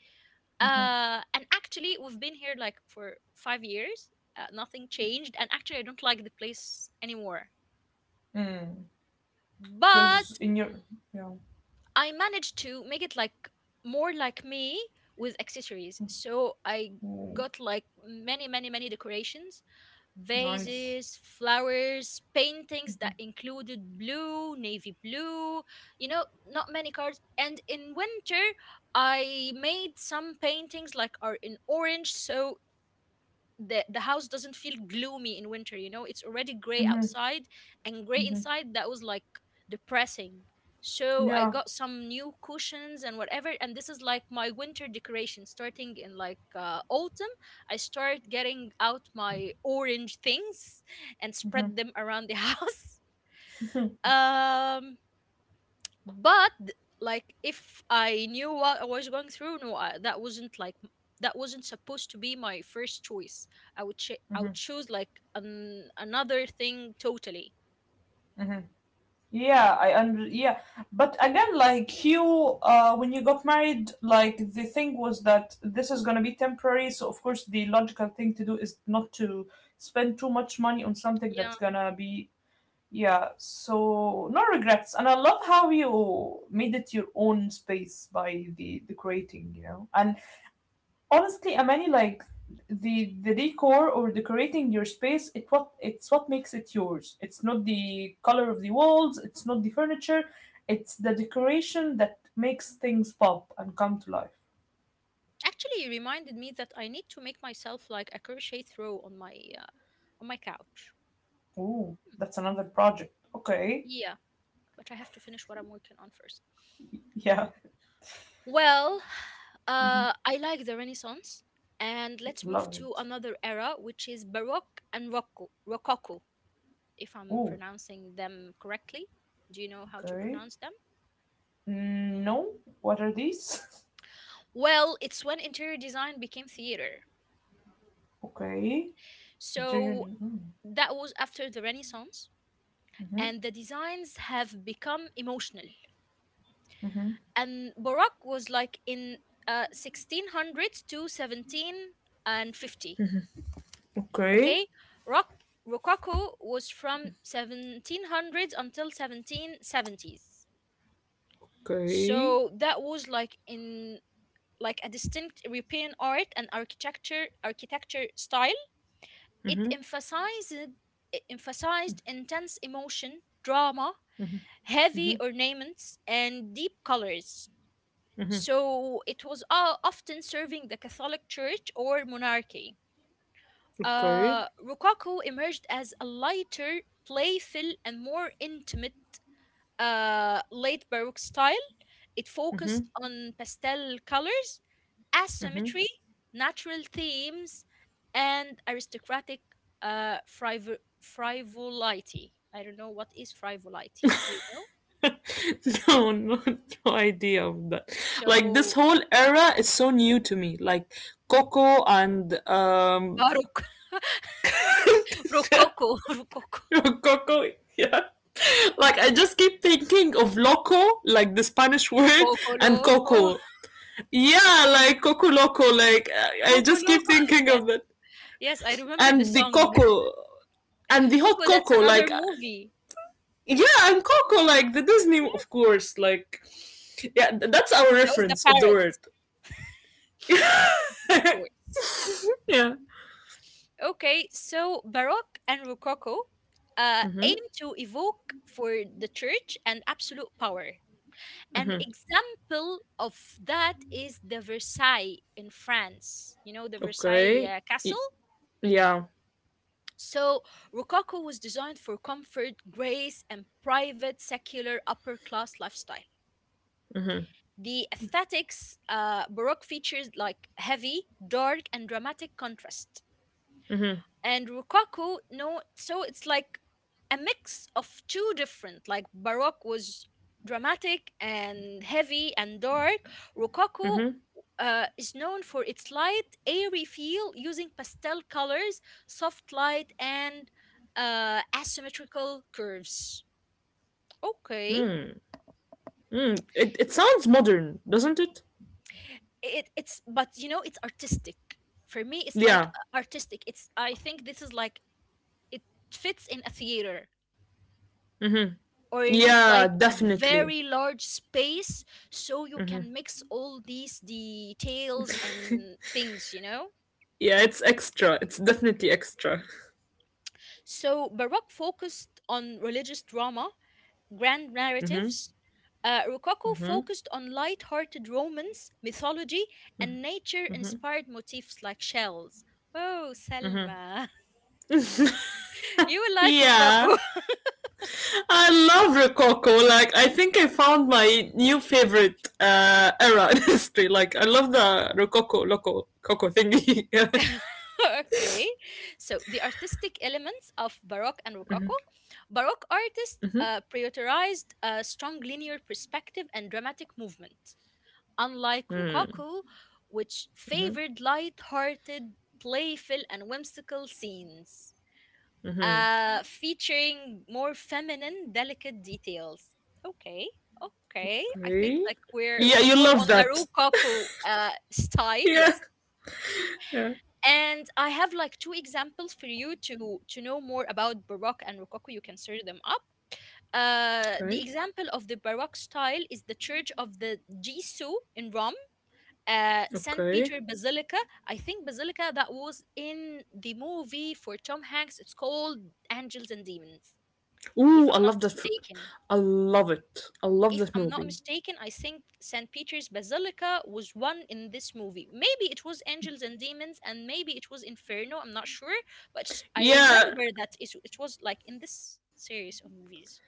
Speaker 2: mhm.
Speaker 1: uh And actually we've been here like for five years. Uh, nothing changed, and actually I don't like the place anymore.
Speaker 2: Mm. Because
Speaker 1: But
Speaker 2: in your, yeah.
Speaker 1: I managed to make it like more like me with accessories. So I
Speaker 2: Mm,
Speaker 1: got like many, many, many decorations,
Speaker 2: nice.
Speaker 1: vases, flowers, paintings that included blue, navy blue, you know, not many cards. And in winter, I made some paintings like are in orange. So the the house doesn't feel gloomy in winter. You know it's already gray
Speaker 2: Mhm,
Speaker 1: outside and gray
Speaker 2: mhm.
Speaker 1: inside. That was like depressing. So I
Speaker 2: Yeah.
Speaker 1: got some new cushions and whatever, and this is like my winter decoration, starting in like uh, autumn. I start getting out my orange things and
Speaker 2: Mhm,
Speaker 1: spread them around the house.
Speaker 2: mhm,
Speaker 1: um but like if I knew what I was going through, no I, that wasn't like m- that wasn't supposed to be my first choice. I would ch- I
Speaker 2: mhm,
Speaker 1: would choose like an- another thing totally,
Speaker 2: mhm. Yeah, I under, yeah, but again, like you, uh, when you got married, like the thing was that this is gonna be temporary. So of course, the logical thing to do is not to spend too much money on something
Speaker 1: yeah.
Speaker 2: that's gonna be. Yeah, so no regrets. And I love how you made it your own space by the decorating, you know. And honestly, I mean like the the decor or decorating your space, it what it's what makes it yours. It's not the color of the walls, it's not the furniture, it's the decoration that makes things pop and come to life.
Speaker 1: Actually it reminded me that I need to make myself like a crochet throw on my, uh, on my couch.
Speaker 2: Ooh, that's another project. Okay.
Speaker 1: Yeah, but I have to finish what I'm working on first.
Speaker 2: Yeah.
Speaker 1: Well,
Speaker 2: Mhm.
Speaker 1: uh I like the Renaissance, and let's move
Speaker 2: Love
Speaker 1: to
Speaker 2: it.
Speaker 1: another era, which is Baroque and roco- Rococo, if I'm
Speaker 2: Ooh,
Speaker 1: pronouncing them correctly. Do you know how to
Speaker 2: okay.
Speaker 1: pronounce them?
Speaker 2: Mm. No, what are these?
Speaker 1: Well, it's when interior design became theater.
Speaker 2: Okay. Junior.
Speaker 1: So that was after the Renaissance, and the designs have become emotional. And Baroque was like in, uh, sixteen hundreds to seventeen fifty.
Speaker 2: Okay.
Speaker 1: Okay, rock Rococo was from seventeen hundreds until seventeen seventies.
Speaker 2: Okay.
Speaker 1: So that was like in like a distinct European art and architecture architecture style. It
Speaker 2: Mhm.
Speaker 1: emphasized it emphasized intense emotion, drama, heavy
Speaker 2: Mhm.
Speaker 1: ornaments, and deep colors.
Speaker 2: Mhm.
Speaker 1: So it was o- often serving the Catholic Church or monarchy.
Speaker 2: Okay.
Speaker 1: Uh, Rococo emerged as a lighter, playful, and more intimate, uh, late Baroque style. It
Speaker 2: Mhm.
Speaker 1: focused on pastel colors,
Speaker 2: Mhm.
Speaker 1: asymmetry, natural themes, and aristocratic, uh, frivo- frivolity. I don't know what is frivolity. Do you know?
Speaker 2: No, no, no idea of that. Like
Speaker 1: So
Speaker 2: this whole era is so new to me. Like Coco and um.
Speaker 1: Baroque, Rococo, Rococo,
Speaker 2: Coco. Yeah. Like I just keep thinking of loco, like the Spanish word,
Speaker 1: poco
Speaker 2: and
Speaker 1: loco,
Speaker 2: coco. Yeah, like coco loco. Like I I
Speaker 1: poco
Speaker 2: just keep
Speaker 1: loco.
Speaker 2: thinking
Speaker 1: Yes,
Speaker 2: of that.
Speaker 1: yes, I remember the
Speaker 2: And the
Speaker 1: song.
Speaker 2: coco and the hot
Speaker 1: Coco, that's
Speaker 2: cocoa,
Speaker 1: another
Speaker 2: like,
Speaker 1: movie.
Speaker 2: yeah, and Coco, like the Disney,
Speaker 1: Yeah,
Speaker 2: of course, like, yeah, that's our
Speaker 1: that was the
Speaker 2: reference of the
Speaker 1: parrot,
Speaker 2: word.
Speaker 1: of course.
Speaker 2: yeah.
Speaker 1: Okay, so Baroque and Rococo, uh, aim
Speaker 2: Mhm.
Speaker 1: to evoke for the church and absolute power. An
Speaker 2: Mhm.
Speaker 1: example of that is the Versailles in France. You know, the Versailles,
Speaker 2: Okay.
Speaker 1: uh,
Speaker 2: Y-
Speaker 1: Castle?
Speaker 2: yeah.
Speaker 1: So, Rococo was designed for comfort, grace, and private, secular, upper class lifestyle.
Speaker 2: Mhm.
Speaker 1: The aesthetics, uh, Baroque features like heavy, dark, and dramatic contrast.
Speaker 2: Mhm.
Speaker 1: And Rococo, no, so it's like a mix of two different, like Baroque was dramatic and heavy and dark. Rococo,
Speaker 2: Mhm.
Speaker 1: uh, is known for its light airy feel, using pastel colors, soft light, and, uh, asymmetrical curves. Okay.
Speaker 2: Mm. Mm. It it sounds modern, doesn't it?
Speaker 1: It, it's but you know it's artistic. For me it's like, uh,
Speaker 2: Yeah.
Speaker 1: artistic. It's, I think this is like it fits in a theater,
Speaker 2: Mhm.
Speaker 1: or you need
Speaker 2: Yeah,
Speaker 1: like a
Speaker 2: definitely.
Speaker 1: very large space, so you can mix all these details and things, you know?
Speaker 2: yeah, it's extra. It's definitely extra.
Speaker 1: So Baroque focused on religious drama, grand
Speaker 2: Mhm.
Speaker 1: narratives. Uh, Rococo
Speaker 2: Mhm.
Speaker 1: focused on light-hearted romance, mythology, and nature-inspired motifs like shells. Oh, Selma, you will like
Speaker 2: yeah.
Speaker 1: Rococo.
Speaker 2: I love Rococo. Like, I think I found my new favorite uh, era in history. Like, I love the Rococo, Loco, Coco thingy. yeah.
Speaker 1: Okay. So the artistic elements of Baroque and Rococo. Baroque
Speaker 2: Mm-hmm.
Speaker 1: artists, uh, prioritized a strong linear perspective and dramatic movement, unlike
Speaker 2: Mm.
Speaker 1: Rococo, which favored light-hearted, playful, and whimsical scenes, uh, featuring more feminine, delicate details. Okay. Okay, I think
Speaker 2: Okay.
Speaker 1: like we're
Speaker 2: Yeah,
Speaker 1: we're
Speaker 2: you
Speaker 1: more
Speaker 2: love
Speaker 1: on the
Speaker 2: that.
Speaker 1: Rococo, uh, style,
Speaker 2: Yeah.
Speaker 1: yes.
Speaker 2: Yeah.
Speaker 1: And I have like two examples for you to to know more about Baroque and Rococo. You can search them up. Uh,
Speaker 2: Okay.
Speaker 1: the example of the Baroque style is the Church of the Gesù in Rome, uh, Saint
Speaker 2: Okay.
Speaker 1: Peter Basilica. I think Basilica, that was in the movie for Tom Hanks. It's called Angels and Demons, if
Speaker 2: Ooh, I
Speaker 1: I'm not
Speaker 2: love that. Fr-
Speaker 1: mistaken.
Speaker 2: I love it. I love
Speaker 1: if
Speaker 2: that
Speaker 1: I'm not
Speaker 2: movie.
Speaker 1: mistaken, I think saint Peter's Basilica was one in this movie. Maybe it was Angels and Demons, and maybe it was Inferno. I'm not sure, but I
Speaker 2: Yeah.
Speaker 1: remember that it, it was like in this series of movies.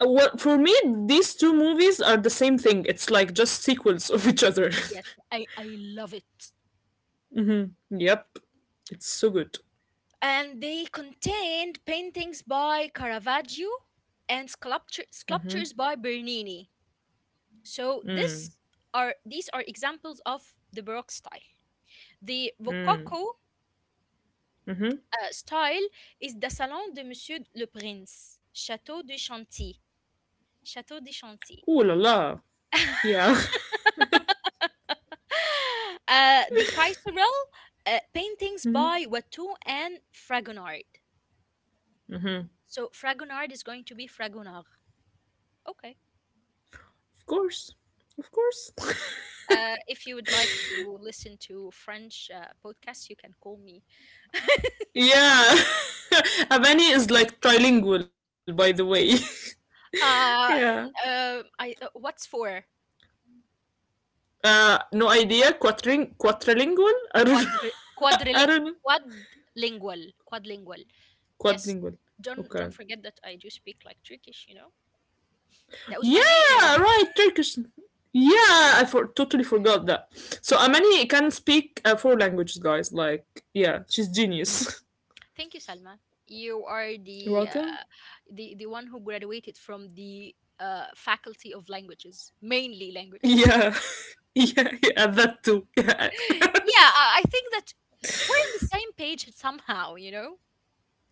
Speaker 2: Well, for me, these two movies are the same thing. It's like just sequels of each other.
Speaker 1: Yes, I, I love it.
Speaker 2: yep. It's so good.
Speaker 1: And they contained paintings by Caravaggio and sculpture, sculptures by Bernini. So this are these are examples of the Baroque style. The
Speaker 2: Mm.
Speaker 1: Rococo,
Speaker 2: Mm-hmm.
Speaker 1: uh, style is the Salon de Monsieur le Prince, Château de Chantilly. Château de
Speaker 2: Ooh
Speaker 1: Chantilly.
Speaker 2: la la. Yeah.
Speaker 1: Uh, the Kaiserl, uh, paintings
Speaker 2: Mhm.
Speaker 1: by Watteau and Fragonard.
Speaker 2: Mhm.
Speaker 1: So Fragonard is going to be Fragonard. Okay.
Speaker 2: Of course. Of course.
Speaker 1: Uh, if you would like to listen to French, uh, podcasts, you can call me.
Speaker 2: yeah. Havani is like trilingual, by the way. yeah.
Speaker 1: Uh, uh, I, uh, what's for
Speaker 2: Uh, no idea. Quadring- quadrilingual? I don't know.
Speaker 1: quadri-
Speaker 2: I
Speaker 1: quadriling-
Speaker 2: don't know.
Speaker 1: quadlingual? Quadlingual. Yes,
Speaker 2: Quadlingual.
Speaker 1: don't
Speaker 2: Okay.
Speaker 1: don't forget that I do speak like Turkish, you know. That was
Speaker 2: Yeah,
Speaker 1: my major.
Speaker 2: right. Turkish. Yeah, I for- totally forgot that. So Amani can speak uh, four languages, guys. Like, yeah, she's genius.
Speaker 1: Thank you, Salma. You are
Speaker 2: You're
Speaker 1: the, uh,
Speaker 2: welcome.
Speaker 1: the the one who graduated from the, uh, Faculty of Languages, mainly languages.
Speaker 2: Yeah. yeah, yeah, that too. Yeah.
Speaker 1: Yeah, I I think that we're on the same page somehow, you know.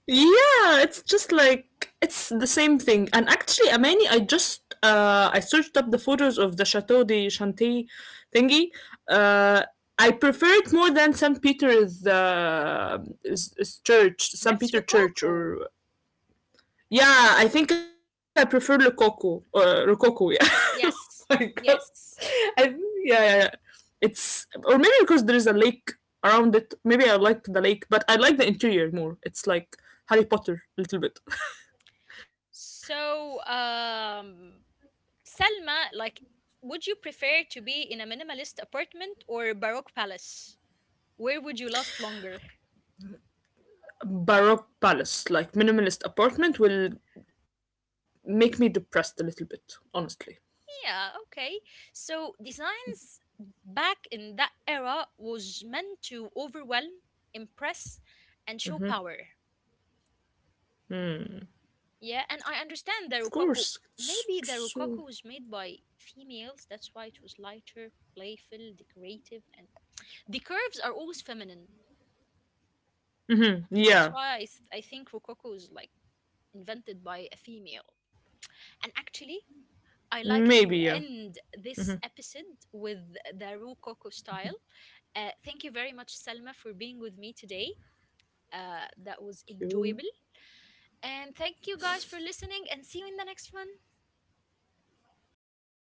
Speaker 2: Yeah, it's just like it's the same thing. And actually, Amani, I just uh, I searched up the photos of the Chateau de Chantilly thingy. Uh, I prefer it more than Saint Peter's uh, is, is church, Saint
Speaker 1: That's
Speaker 2: Peter Church,
Speaker 1: Rococo.
Speaker 2: or yeah, I think I prefer Rococo. Uh, Rococo, yeah. oh my god.
Speaker 1: Yes,
Speaker 2: I,
Speaker 1: yes.
Speaker 2: yeah, yeah, yeah. It's or maybe because there is a lake around it. Maybe I like the lake, but I like the interior more. It's like Harry Potter a little bit.
Speaker 1: So, um, Selma, like, would you prefer to be in a minimalist apartment or a Baroque palace? Where would you last longer?
Speaker 2: Baroque palace, like minimalist apartment, will make me depressed a little bit. Honestly,
Speaker 1: Yeah, okay. So designs back in that era was meant to overwhelm, impress, and show power. Yeah, and I
Speaker 2: of course.
Speaker 1: understand the
Speaker 2: It's
Speaker 1: Rococo.
Speaker 2: so,
Speaker 1: Maybe the Rococo was made by females, that's why it was lighter, playful, decorative, and the curves are always feminine.
Speaker 2: yeah,
Speaker 1: That's why I, s- I think Rococo is like invented by a female. And actually,
Speaker 2: maybe
Speaker 1: I
Speaker 2: yeah.
Speaker 1: like to end this episode with the Rococo style. Uh, thank you very much, Selma, for being with me today. Uh, that was
Speaker 2: Thank you.
Speaker 1: enjoyable. And thank you guys for listening, and see you in the next one.